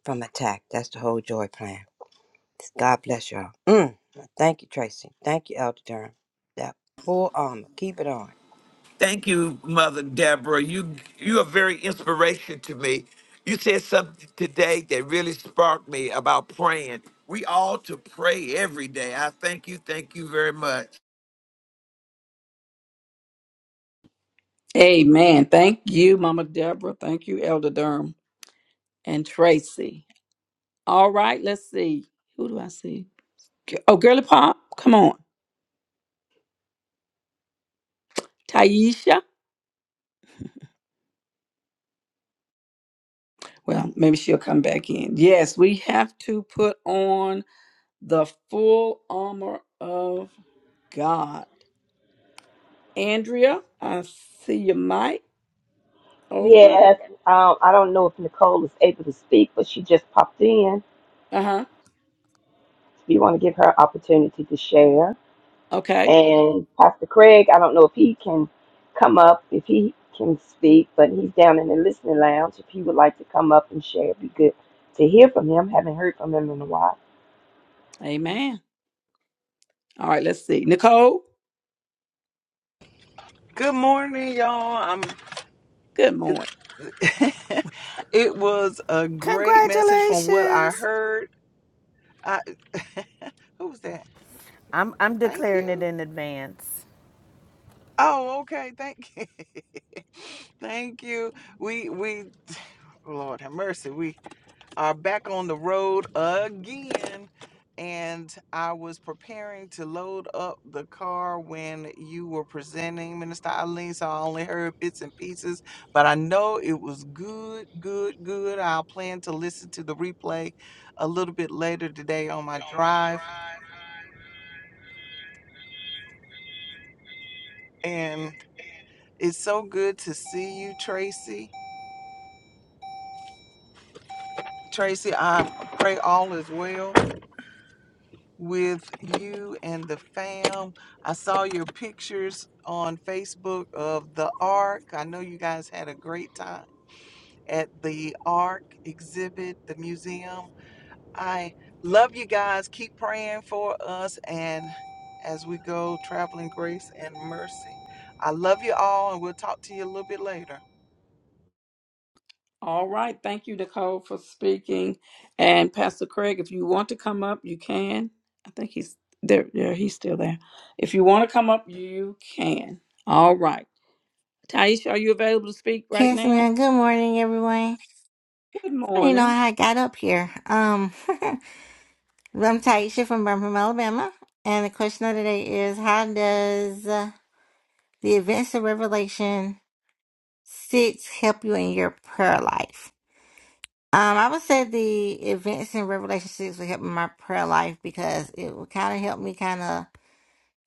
I: from attack. That's the whole joy plan God bless y'all. Mm. Thank you, Tracy. Thank you, Elder Durham. That full armor. Keep it on.
D: Thank you, Mother Deborah. You you are very inspiration to me. You said something today that really sparked me about praying. We all to pray every day. I thank you. Thank you very much.
A: Amen. Thank you, Mama Deborah. Thank you, Elder Durham and Tracy. All right, let's see. Who do I see? Oh, Girly Pop, come on. Taisha. Well, maybe she'll come back in. Yes, we have to put on the full armor of God. Andrea, I see your mic open.
C: Yes, um, I don't know if Nicole is able to speak, but she just popped in.
A: Uh huh.
C: If you want to give her an opportunity to share.
A: Okay.
C: And Pastor Craig, I don't know if he can come up, if he can speak, but he's down in the listening lounge. If he would like to come up and share, it'd be good to hear from him. Haven't heard from him in a while.
A: Amen. All right, let's see. Nicole,
K: Good morning, y'all. I'm.
A: good
K: It,
A: morning.
K: it was a great message from what I
F: Congratulations.
K: heard. I, who was that?
F: I'm, I'm
K: Thank
F: declaring it
K: you.
F: in advance.
K: Oh, okay. Thank you. Thank you. We we. Lord have mercy. We. are back on the road again. And I was preparing to load up the car when you were presenting, Minister Eileen. So I only heard bits and pieces, but I know it was good, good, good. I'll plan to listen to the replay a little bit later today on my drive. And it's so good to see you, Tracy. Tracy, I pray all is well. with you and the fam. I saw your pictures on Facebook of the Ark. I know you guys had a great time at the Ark exhibit, the museum. I love you guys. Keep praying for us and as we go traveling grace and mercy. I love you all and we'll talk to you a little bit later.
A: All right. Thank you, Nicole, for speaking. And Pastor Craig, if you want to come up, you can. I think he's there. Yeah, he's still there. If you want to come up, you can. All right. Taisha, are you available to speak right
L: Yes,
A: now?
L: ma'am. Good morning, everyone. I
A: Good
L: don't even know
A: morning.
L: how I got up here. Um, I'm Taisha from Birmingham, Alabama, and the question of the day is: How does uh, the events of Revelation six help you in your prayer life? Um, I would say the events in Revelation six will help in my prayer life because it will kind of help me kind of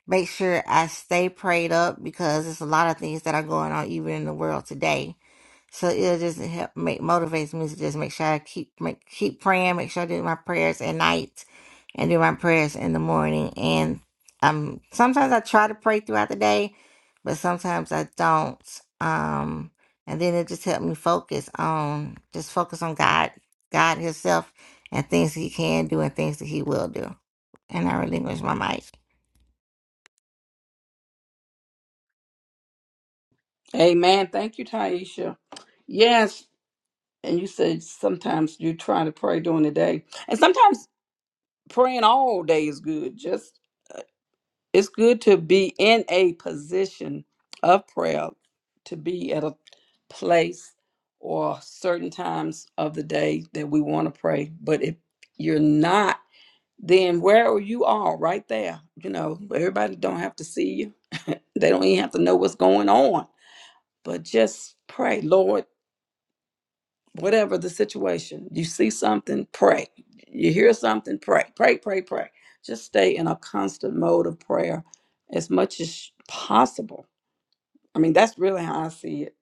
L: make sure I stay prayed up because there's a lot of things that are going on even in the world today So it just help make motivates me to just make sure I keep make keep praying, make sure I do my prayers at night and do my prayers in the morning. And um sometimes I try to pray throughout the day, but sometimes I don't. Um and then it just helped me focus on just focus on God, God Himself and things He can do and things that He will do. And I relinquish my mic.
A: Amen. Thank you, Taisha. Yes, and you said sometimes you try to pray during the day, and sometimes praying all day is good. Just uh, it's good to be in a position of prayer, to be at a place or certain times of the day that we want to pray. But if you're not, then where you are, right there. You know, everybody don't have to see you. They don't even have to know what's going on but just pray, Lord, whatever the situation, you see something, pray. You hear something, pray. Pray, pray, pray. Just stay in a constant mode of prayer as much as possible. I mean, that's really how I see it.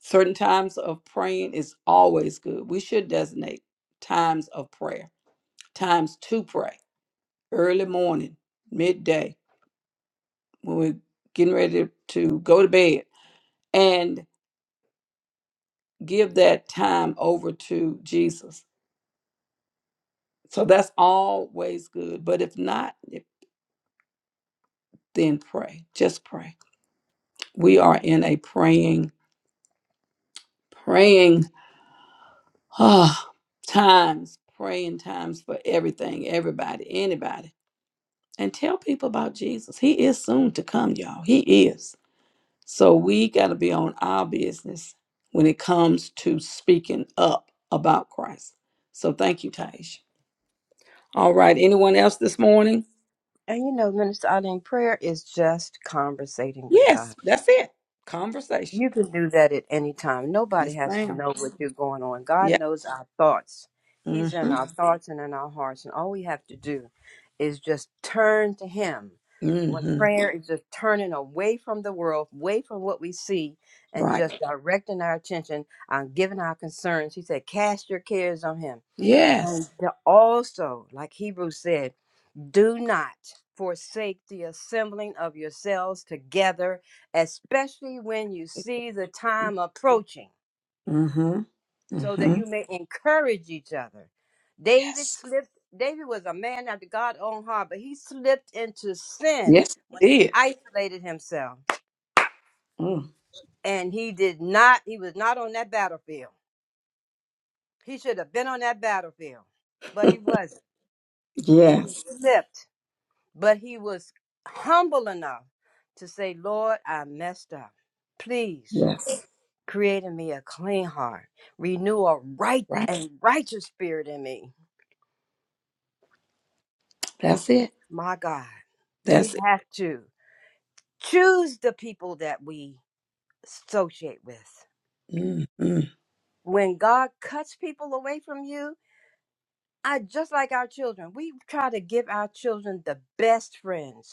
A: Certain times of praying is always good. We should designate times of prayer, times to pray, early morning, midday, when we're getting ready to go to bed, and give that time over to Jesus So that's always good. But if not, if- then pray. Just pray. We are in a praying, praying ah, times, praying times for everything, everybody, anybody. And tell people about Jesus. He is soon to come, y'all. He is. So we got to be on our business when it comes to speaking up about Christ. So thank you, Taj. All right. Anyone else this morning?
I: And you know, Minister Eileen, prayer is just conversating with God.
A: Yes, that's it. Conversation.
I: You can do that at any time. Nobody
A: Yes,
I: has to
A: ma'am.
I: know what you're going on.
A: Yeah.
I: God knows our thoughts. He's in
A: Mm-hmm.
I: our thoughts and in our hearts. And all we have to do is just turn to Him. When
A: Mm-hmm.
I: prayer is just turning away from the world, away from what we see, and
A: Right.
I: just directing our attention on giving our concerns. He said, Cast your cares on Him. And
A: Yes.
I: the- also, like Hebrews said. Do not forsake the assembling of yourselves together, especially when you see the time approaching,
A: Mm-hmm.
I: so that
A: Mm-hmm.
I: you may encourage each other. David
A: Yes.
I: slipped, David was a man after God's own heart, but he slipped into sin
A: Yes,
I: when
A: it
I: he
A: did.
I: isolated himself.
A: Mm.
I: And he did not, he was not on that battlefield. He should have been on that battlefield, but he wasn't. And he
A: yes.
I: slipped. But he was humble enough to say, Lord, I messed up. Please
A: Yes.
I: create in me a clean heart, renew a right
A: Right.
I: and righteous spirit in me.
A: That's it.
I: My God, we
A: That's it.
I: have to choose the people that we associate with.
A: Mm-hmm.
I: When God cuts people away from you, I just like our children, we try to give our children the best friends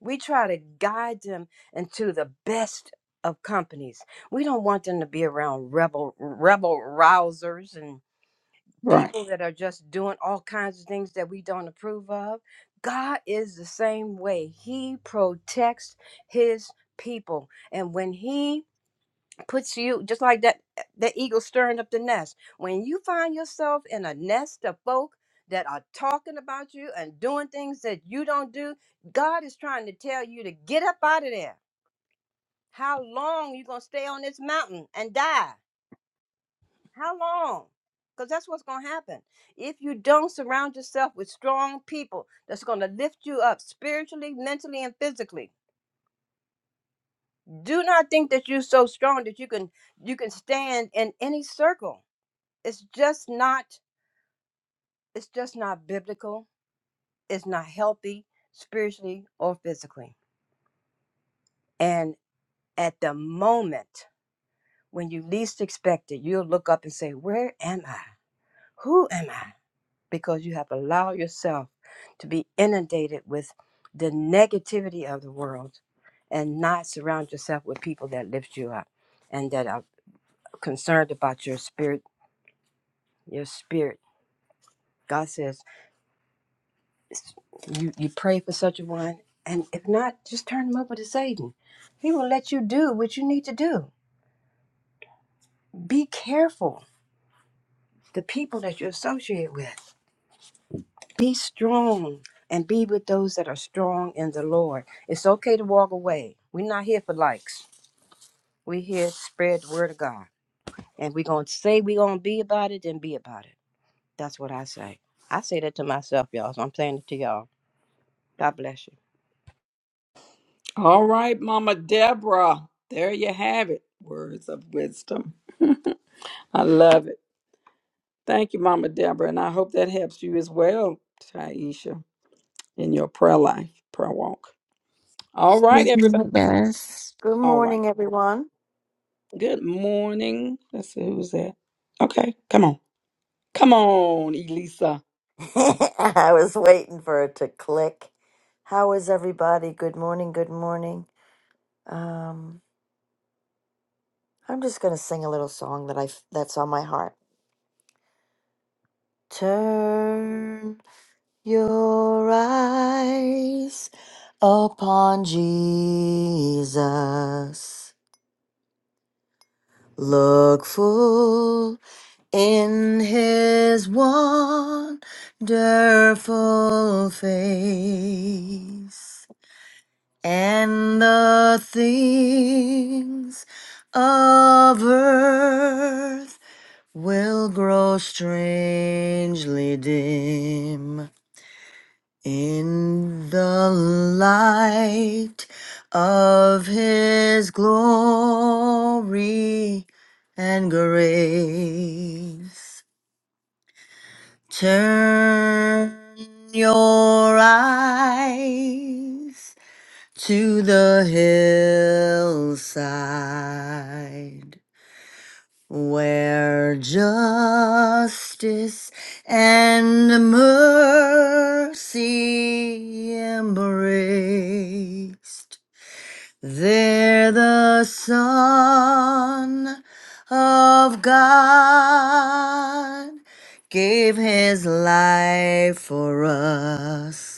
I: We try to guide them into the best of companies. We don't want them to be around rebel rebel rousers and
A: Right.
I: people that are just doing all kinds of things that we don't approve of. God is the same way. He protects his people. And when he puts you just like that uh, that eagle stirring up the nest when you find yourself in a nest of folk that are talking about you and doing things that you don't do god is trying to tell you to get up out of there how long you gonna stay on this mountain and die how long because that's what's gonna happen if you don't surround yourself with strong people that's gonna lift you up spiritually mentally and physically do not think that you're so strong that you can you can stand in any circle it's just not it's just not biblical it's not healthy spiritually or physically and at the moment when you least expect it you'll look up and say where am i who am i because you have allowed yourself to be inundated with the negativity of the world and not surround yourself with people that lift you up and that are concerned about your spirit your spirit God says. You you pray for such a one, and if not, just turn them over to Satan. He will let you do what you need to do. Be careful the people that you associate with. Be strong and be with those that are strong in the Lord. It's okay to walk away. We're not here for likes. We're here to spread the word of God. And we're gonna say we're gonna be about it, then be about it. That's what I say. I say that to myself, y'all. So I'm saying it to y'all. God bless you.
A: All right, Mama Deborah. There you have it. Words of wisdom. I love it. Thank you, Mama Deborah. And I hope that helps you as well, Taisha, in your prayer life, prayer walk. All right,
L: This
A: everybody.
L: music does.
M: Good
A: All right.
M: morning, everyone.
A: Good morning. Let's see who's that. Okay, come on. Come on, Elisa.
M: I was waiting for it to click. How is everybody? Good morning. Good morning. Um, I'm just gonna sing a little song that I f- that's on my heart. Turn your eyes upon Jesus. Look full in His wonderful face. and the things of earth will grow strangely dim in the light of his glory and grace. Turn your eyes to the hillside where justice and mercy embraced. There the Son of God gave his life for us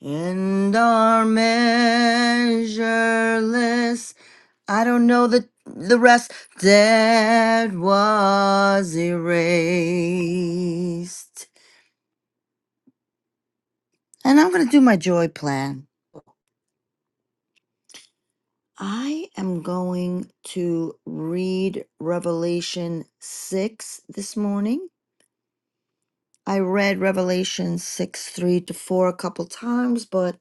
M: and our measureless, I don't know the the rest that was erased. And I'm gonna do my joy plan. I am going to read Revelation 6 this morning. I read Revelation 6 3 to 4 a couple times, but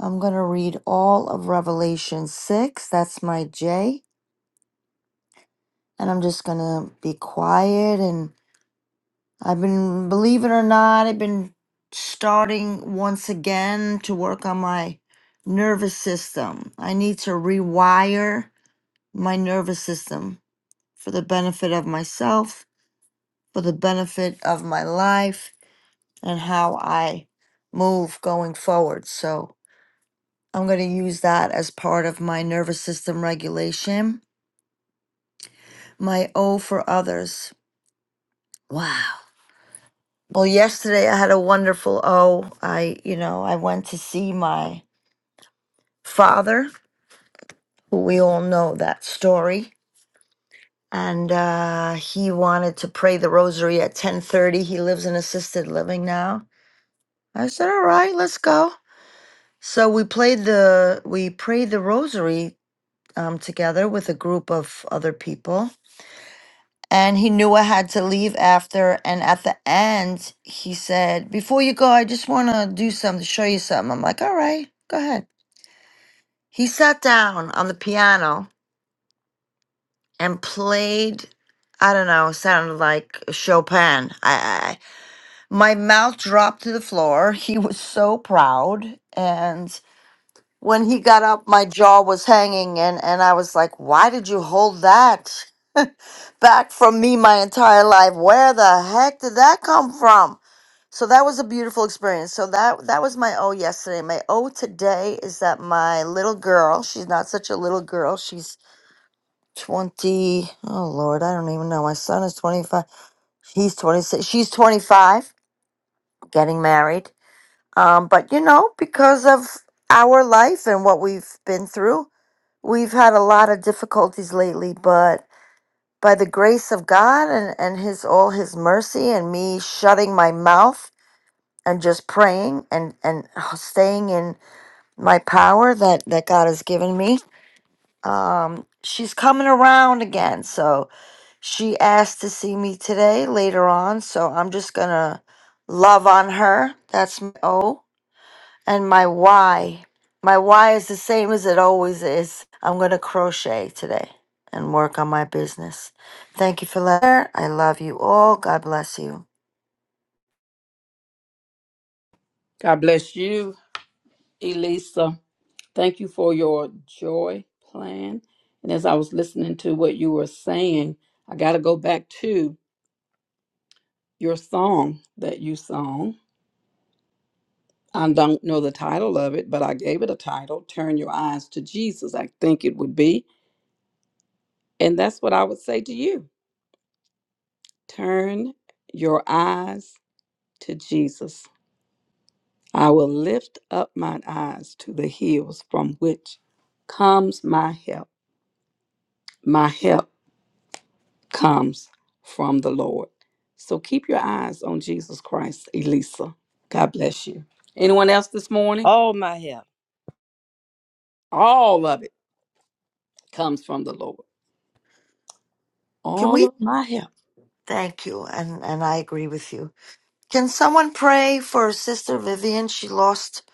M: I'm gonna read all of Revelation 6. That's my J and I'm just gonna be quiet. And I've been, believe it or not, I've been starting once again to work on my nervous system. I need to rewire my nervous system for the benefit of myself, for the benefit of my life, and how I move going forward. So I'm gonna use that as part of my nervous system regulation. My O for others. Wow. Well, yesterday I had a wonderful oh, I, you know, I went to see my father, who we all know that story, and uh he wanted to pray the rosary at 10:30. He lives in assisted living now. I said, "All right, let's go." So we played the we prayed the rosary um together with a group of other people. And he knew I had to leave after. And at the end, he said, Before you go, I just want to do something, show you something. I'm like, All right, go ahead. He sat down on the piano and played. I don't know. Sounded like Chopin. I, I my mouth dropped to the floor. He was so proud, and when he got up, my jaw was hanging, and and I was like, "Why did you hold that back from me my entire life? Where the heck did that come from?" So that was a beautiful experience. So that that was my O yesterday. My O today is that my little girl. She's not such a little girl. She's 20 oh lord i don't even know my son is 25 he's 26 she's 25 getting married um but you know because of our life and what we've been through we've had a lot of difficulties lately but by the grace of god and and his all his mercy and me shutting my mouth and just praying and and uh, staying in my power that that god has given me um she's coming around again so She asked to see me today later on, so I'm just gonna love on her. That's my O. And my Y. My Y is the same as it always is. I'm gonna crochet today and work on my business. Thank you for letting I love you all. God bless you.
A: God bless you, Elisa. Thank you for your joy plan. And as I was listening to what you were saying, I got to go back to your song that you sung. I don't know the title of it, but I gave it a title Turn Your Eyes to Jesus, I think it would be. And that's what I would say to you Turn your eyes to Jesus I will lift up mine eyes to the hills from which comes my help. My help comes from the Lord. So keep your eyes on Jesus Christ, Elisa. God bless you. Anyone else this morning?
I: Oh my help.
A: All of it comes from the Lord.
M: Can
A: All
M: we?
A: of my help.
M: Thank you, and, and I agree with you. Can someone pray for Sister Vivian? She lost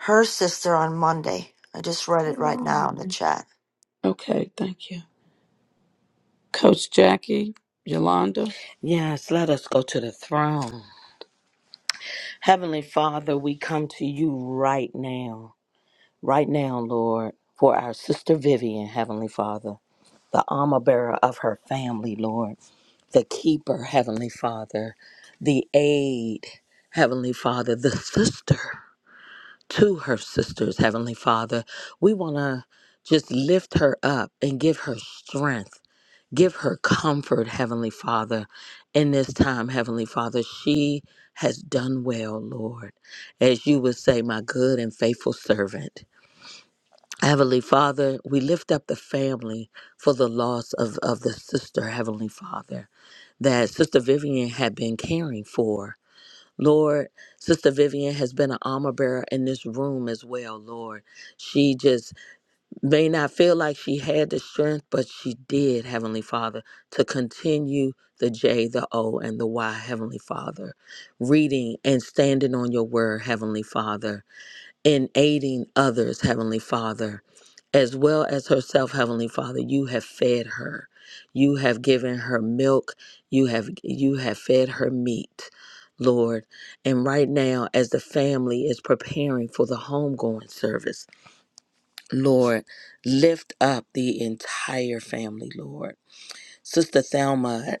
M: her sister on Monday. I just read
A: All
M: it right now
A: right.
M: in the chat.
A: Okay, thank you. Coach Jackie, Yolanda.
E: Yes, let us go to the throne. Heavenly Father, we come to you right now. right now, Lord, for our sister Vivian, Heavenly Father, the armor bearer of her family, Lord, the keeper, Heavenly Father, the aid, Heavenly Father, the sister to her sisters, Heavenly Father. We want to just lift her up and give her strength. Give her comfort, Heavenly Father, in this time, Heavenly Father. She has done well, Lord. As you would say, my good and faithful servant. Heavenly Father, we lift up the family for the loss of, of the sister, Heavenly Father, that Sister Vivian had been caring for. Lord, Sister Vivian has been an armor bearer in this room as well, Lord. She just may not feel like she had the strength, but she did, Heavenly Father, to continue the J, the O, and the Y, Heavenly Father, reading and standing on your word, Heavenly Father, and aiding others, Heavenly Father as well as herself, Heavenly Father. You have fed her. You have given her milk. You have you have fed her meat, Lord. And right now, as the family is preparing for the homegoing service, Lord, lift up the entire family, Lord. Sister Thelma,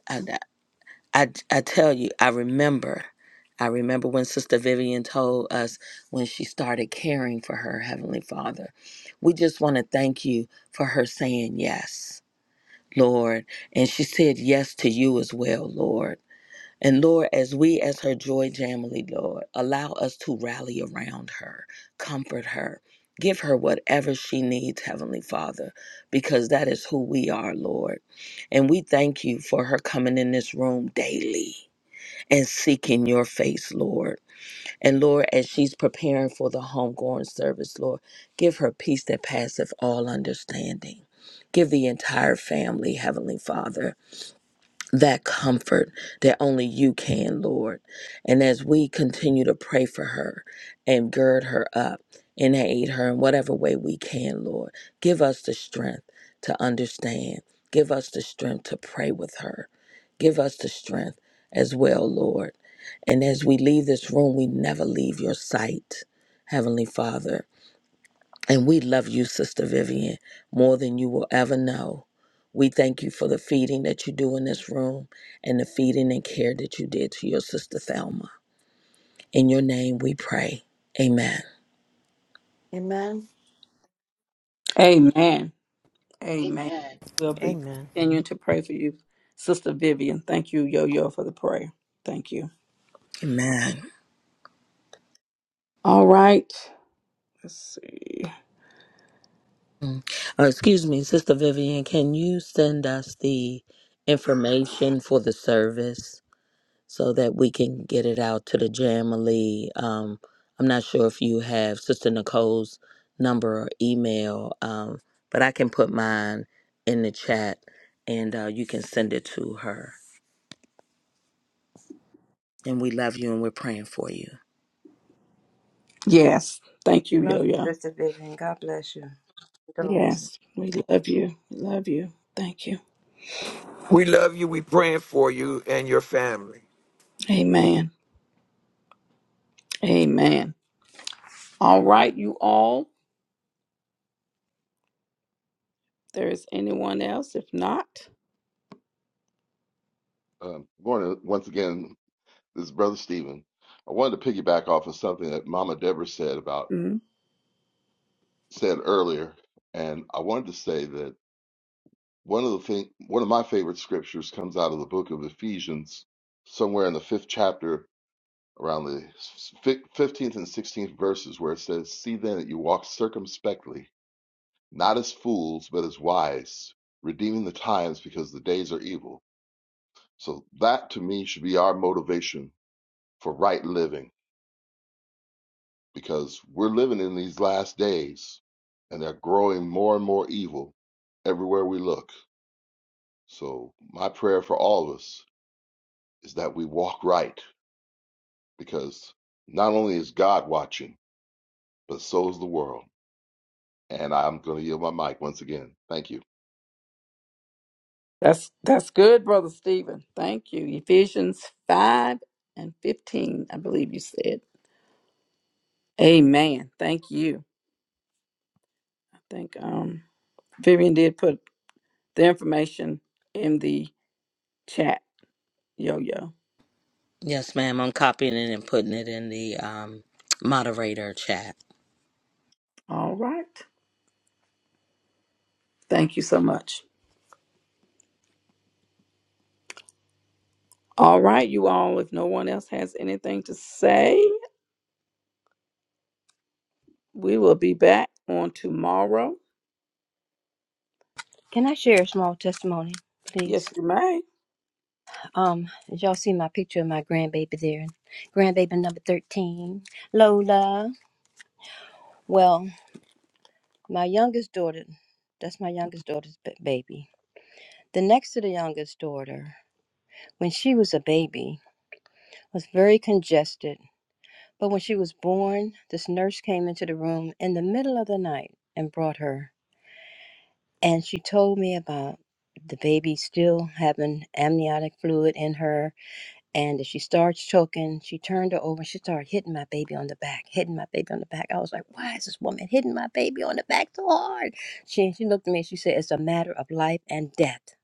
E: I, I tell you, I remember. I remember when Sister Vivian told us when she started caring for her Heavenly Father. We just want to thank you for her saying yes, Lord. And she said yes to you as well, Lord. And Lord, as we, as her joy jamily, Lord, allow us to rally around her, comfort her, give her whatever she needs, Heavenly Father, because that is who we are, Lord. And we thank you for her coming in this room daily and seeking your face, Lord. And Lord, as she's preparing for the homegoing service, Lord, give her peace that passeth all understanding. Give the entire family, Heavenly Father that comfort that only you can, Lord. And as we continue to pray for her and gird her up and aid her in whatever way we can, Lord, give us the strength to understand. Give us the strength to pray with her. Give us the strength as well, Lord. And as we leave this room, we never leave your sight, Heavenly Father. And we love you, Sister Vivian, more than you will ever know. We thank you for the feeding that you do in this room and the feeding and care that you did to your sister Thelma. In your name we pray. Amen.
M: Amen.
A: Amen. Amen.
B: Amen.
A: We'll be
F: Amen.
A: continuing to pray for you. Sister Vivian, thank you, Yo Yo, for the prayer. Thank you.
E: Amen.
A: All right. Let's see.
E: Mm. Uh, excuse me, Sister Vivian, can you send us the information for the service? so that we can get it out to the Jamily. Um, I'm not sure if you have Sister Nicole's number or email, um, but I can put mine in the chat and uh, you can send it to her. And we love you and we're praying for you.
A: Yes. Thank you, Yo
I: Love you,
A: Yo.
I: Sister Vivian. God bless you.
A: Yes. We love you. We love you. Thank you.
D: We love you. We praying for you and your family.
A: Amen. Amen. All right, you all. There is anyone else? If not,
H: Um, morning, once again, this is Brother Stephen. I wanted to piggyback off of something that Mama Deborah said about
A: mm,
H: said earlier, and I wanted to say that One of the thing, one of my favorite scriptures comes out of the book of Ephesians, somewhere in the fifth chapter, around the fif- fifteenth and sixteenth verses, where it says, "See then that you walk circumspectly, not as fools, but as wise, redeeming the times, because the days are evil." So that to me should be our motivation for right living, because we're living in these last days, and they're growing more and more evil everywhere we look. So my prayer for all of us is that we walk right because not only is God watching, but so is the world. And I'm going to yield my mic once again. Thank you.
A: that's that's good, Brother Stephen. Thank you. Ephesians five and fifteen, I believe you said. Amen. Thank you. I think um Vivian did put the information in the chat, Yo Yo.
E: Yes, ma'am. I'm copying it and putting it in the um, moderator chat.
A: All right. Thank you so much. All right, you all, if no one else has anything to say, we will be back on tomorrow.
I: Can I share a small testimony, please?
A: Yes, you may.
I: Um, as y'all see my picture of my grandbaby there, grandbaby number 13, Lola. Well, my youngest daughter, that's my youngest daughter's ba- baby. The next to the youngest daughter, when she was a baby, was very congested. But when she was born, this nurse came into the room in the middle of the night and brought her. And she told me about the baby still having amniotic fluid in her And as she starts choking, she turned her over. and She started hitting my baby on the back, hitting my baby on the back. I was like, why is this woman hitting my baby on the back so hard? She, she looked at me and she said, it's a matter of life and death.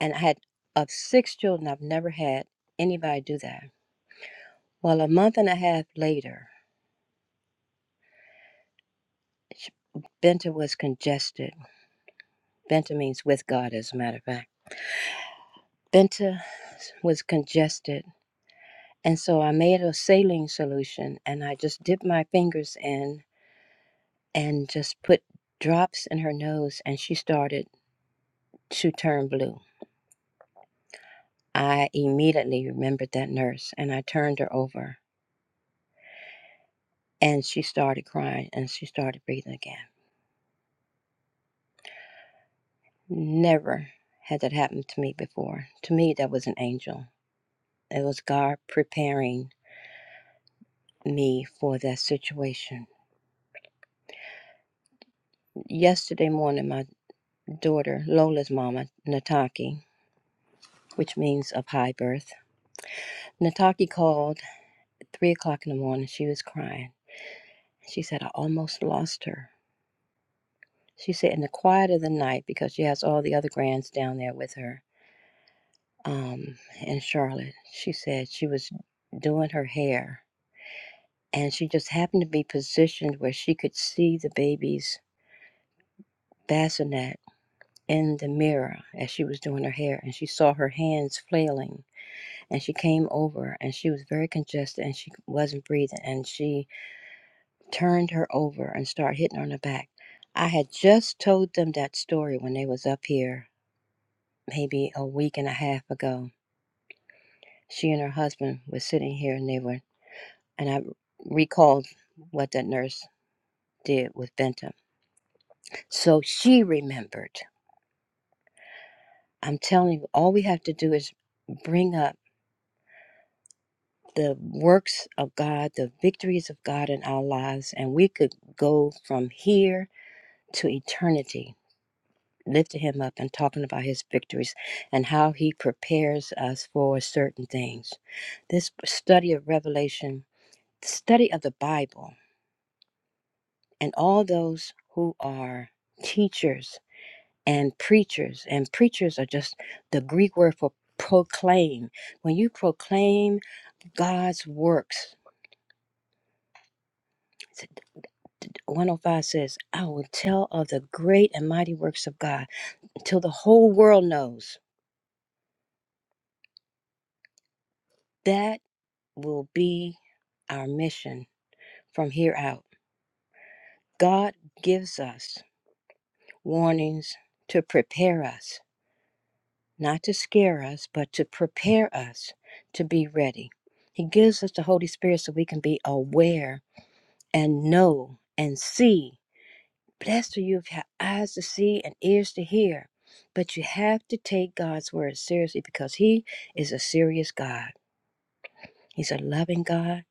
I: And I had, of six children, I've never had anybody do that. Well, a month and a half later, she, Benta was congested. Benta means with God, as a matter of fact. Benta was congested. And so I made a saline solution and I just dipped my fingers in and just put drops in her nose and she started to turn blue. I immediately remembered that nurse and I turned her over and she started crying and she started breathing again. Never had that happened to me before. To me, that was an angel. It was God preparing me for that situation. Yesterday morning, my daughter, Lola's mama, Nataki, which means of high birth, Nataki called at three o'clock in the morning. She was crying. She said, I almost lost her. She said, in the quiet of the night, because she has all the other grands down there with her um, in Charlotte, she said she was doing her hair and she just happened to be positioned where she could see the baby's bassinet in the mirror as she was doing her hair and she saw her hands flailing and she came over and she was very congested and she wasn't breathing and she turned her over and started hitting her on the back I had just told them that story when they was up here maybe a week and a half ago. She and her husband were sitting here and they were, and I recalled what that nurse did with Bentham. So she remembered. I'm telling you, all we have to do is bring up the works of God, the victories of God in our lives, and we could go from here to eternity, lifting Him up and talking about His victories and how He prepares us for certain things. This study of Revelation the study of the Bible and all those who are teachers and preachers, and preachers are just the Greek word for proclaim. When you proclaim God's works, 105 says, I will tell of the great and mighty works of God until the whole world knows. That will be our mission from here out. God gives us warnings to prepare us not to scare us, but to prepare us to be ready. He gives us the Holy Spirit so we can be aware and know and see. Blessed are you if you have eyes to see and ears to hear. But you have to take God's word seriously because He is a serious God. He's a loving God,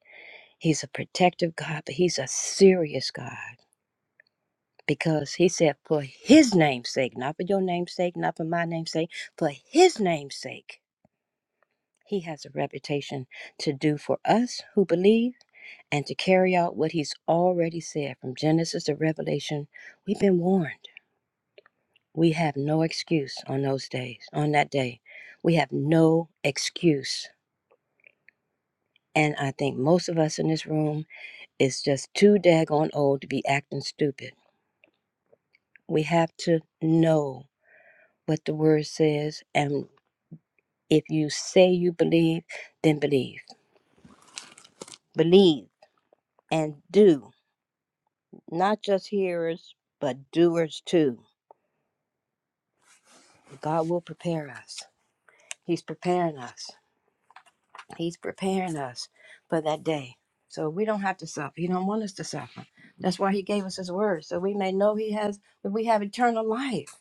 I: He's a protective God, but He's a serious God because He said, for His name's sake, not for your name's sake, not for my name's sake, for His name's sake. He has a reputation to do for us who believe and to carry out what he's already said from Genesis to Revelation. We've been warned. We have no excuse on those days, on that day. We have no excuse. And I think most of us in this room is just too daggone old to be acting stupid. We have to know what the word says. And if you say you believe, then believe. Believe and do not just hearers, but doers too. God will prepare us. He's preparing us. He's preparing us for that day. So we don't have to suffer. He don't want us to suffer. That's why he gave us his word. So we may know he has that we have eternal life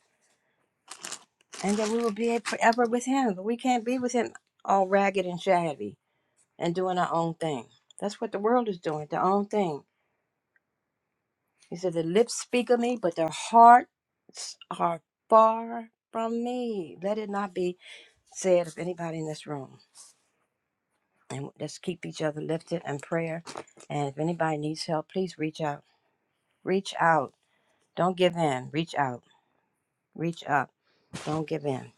I: and that we will be forever with him. But we can't be with him all ragged and shabby and doing our own thing. That's what the world is doing, their own thing. He said, The lips speak of me, but their hearts are far from me. Let it not be said of anybody in this room. And let's keep each other lifted in prayer. And if anybody needs help, please reach out. Reach out. Don't give in. Reach out. Reach up. Don't give in.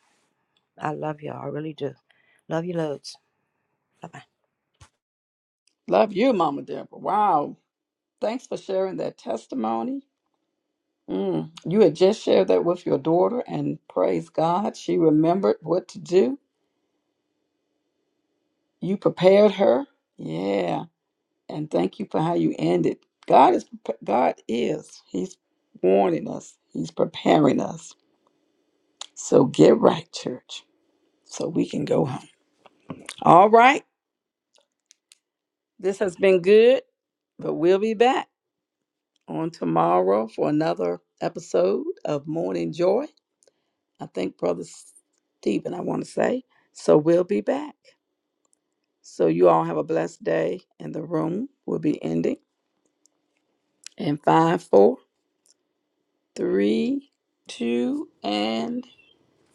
I: I love y'all. I really do. Love you loads. Bye bye.
A: Love you, Mama Deborah. Wow. Thanks for sharing that testimony. Mm. You had just shared that with your daughter, and praise God, she remembered what to do. You prepared her. Yeah. And thank you for how you ended. God is, God is, He's warning us, He's preparing us. So get right, church, so we can go home. All right. This has been good, but we'll be back on tomorrow for another episode of Morning Joy. I think Brother Stephen, I want to say. So we'll be back. So you all have a blessed day, and the room will be ending in five, four, three, two, and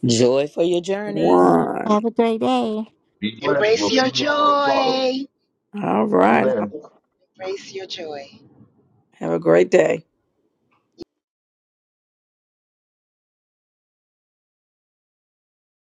E: Joy for your journey.
A: one.
L: Have a great day.
H: Be blessed. We'll
B: Embrace your
H: see you all tomorrow.
B: joy.
A: All right.
B: Embrace your joy.
A: Have a great day.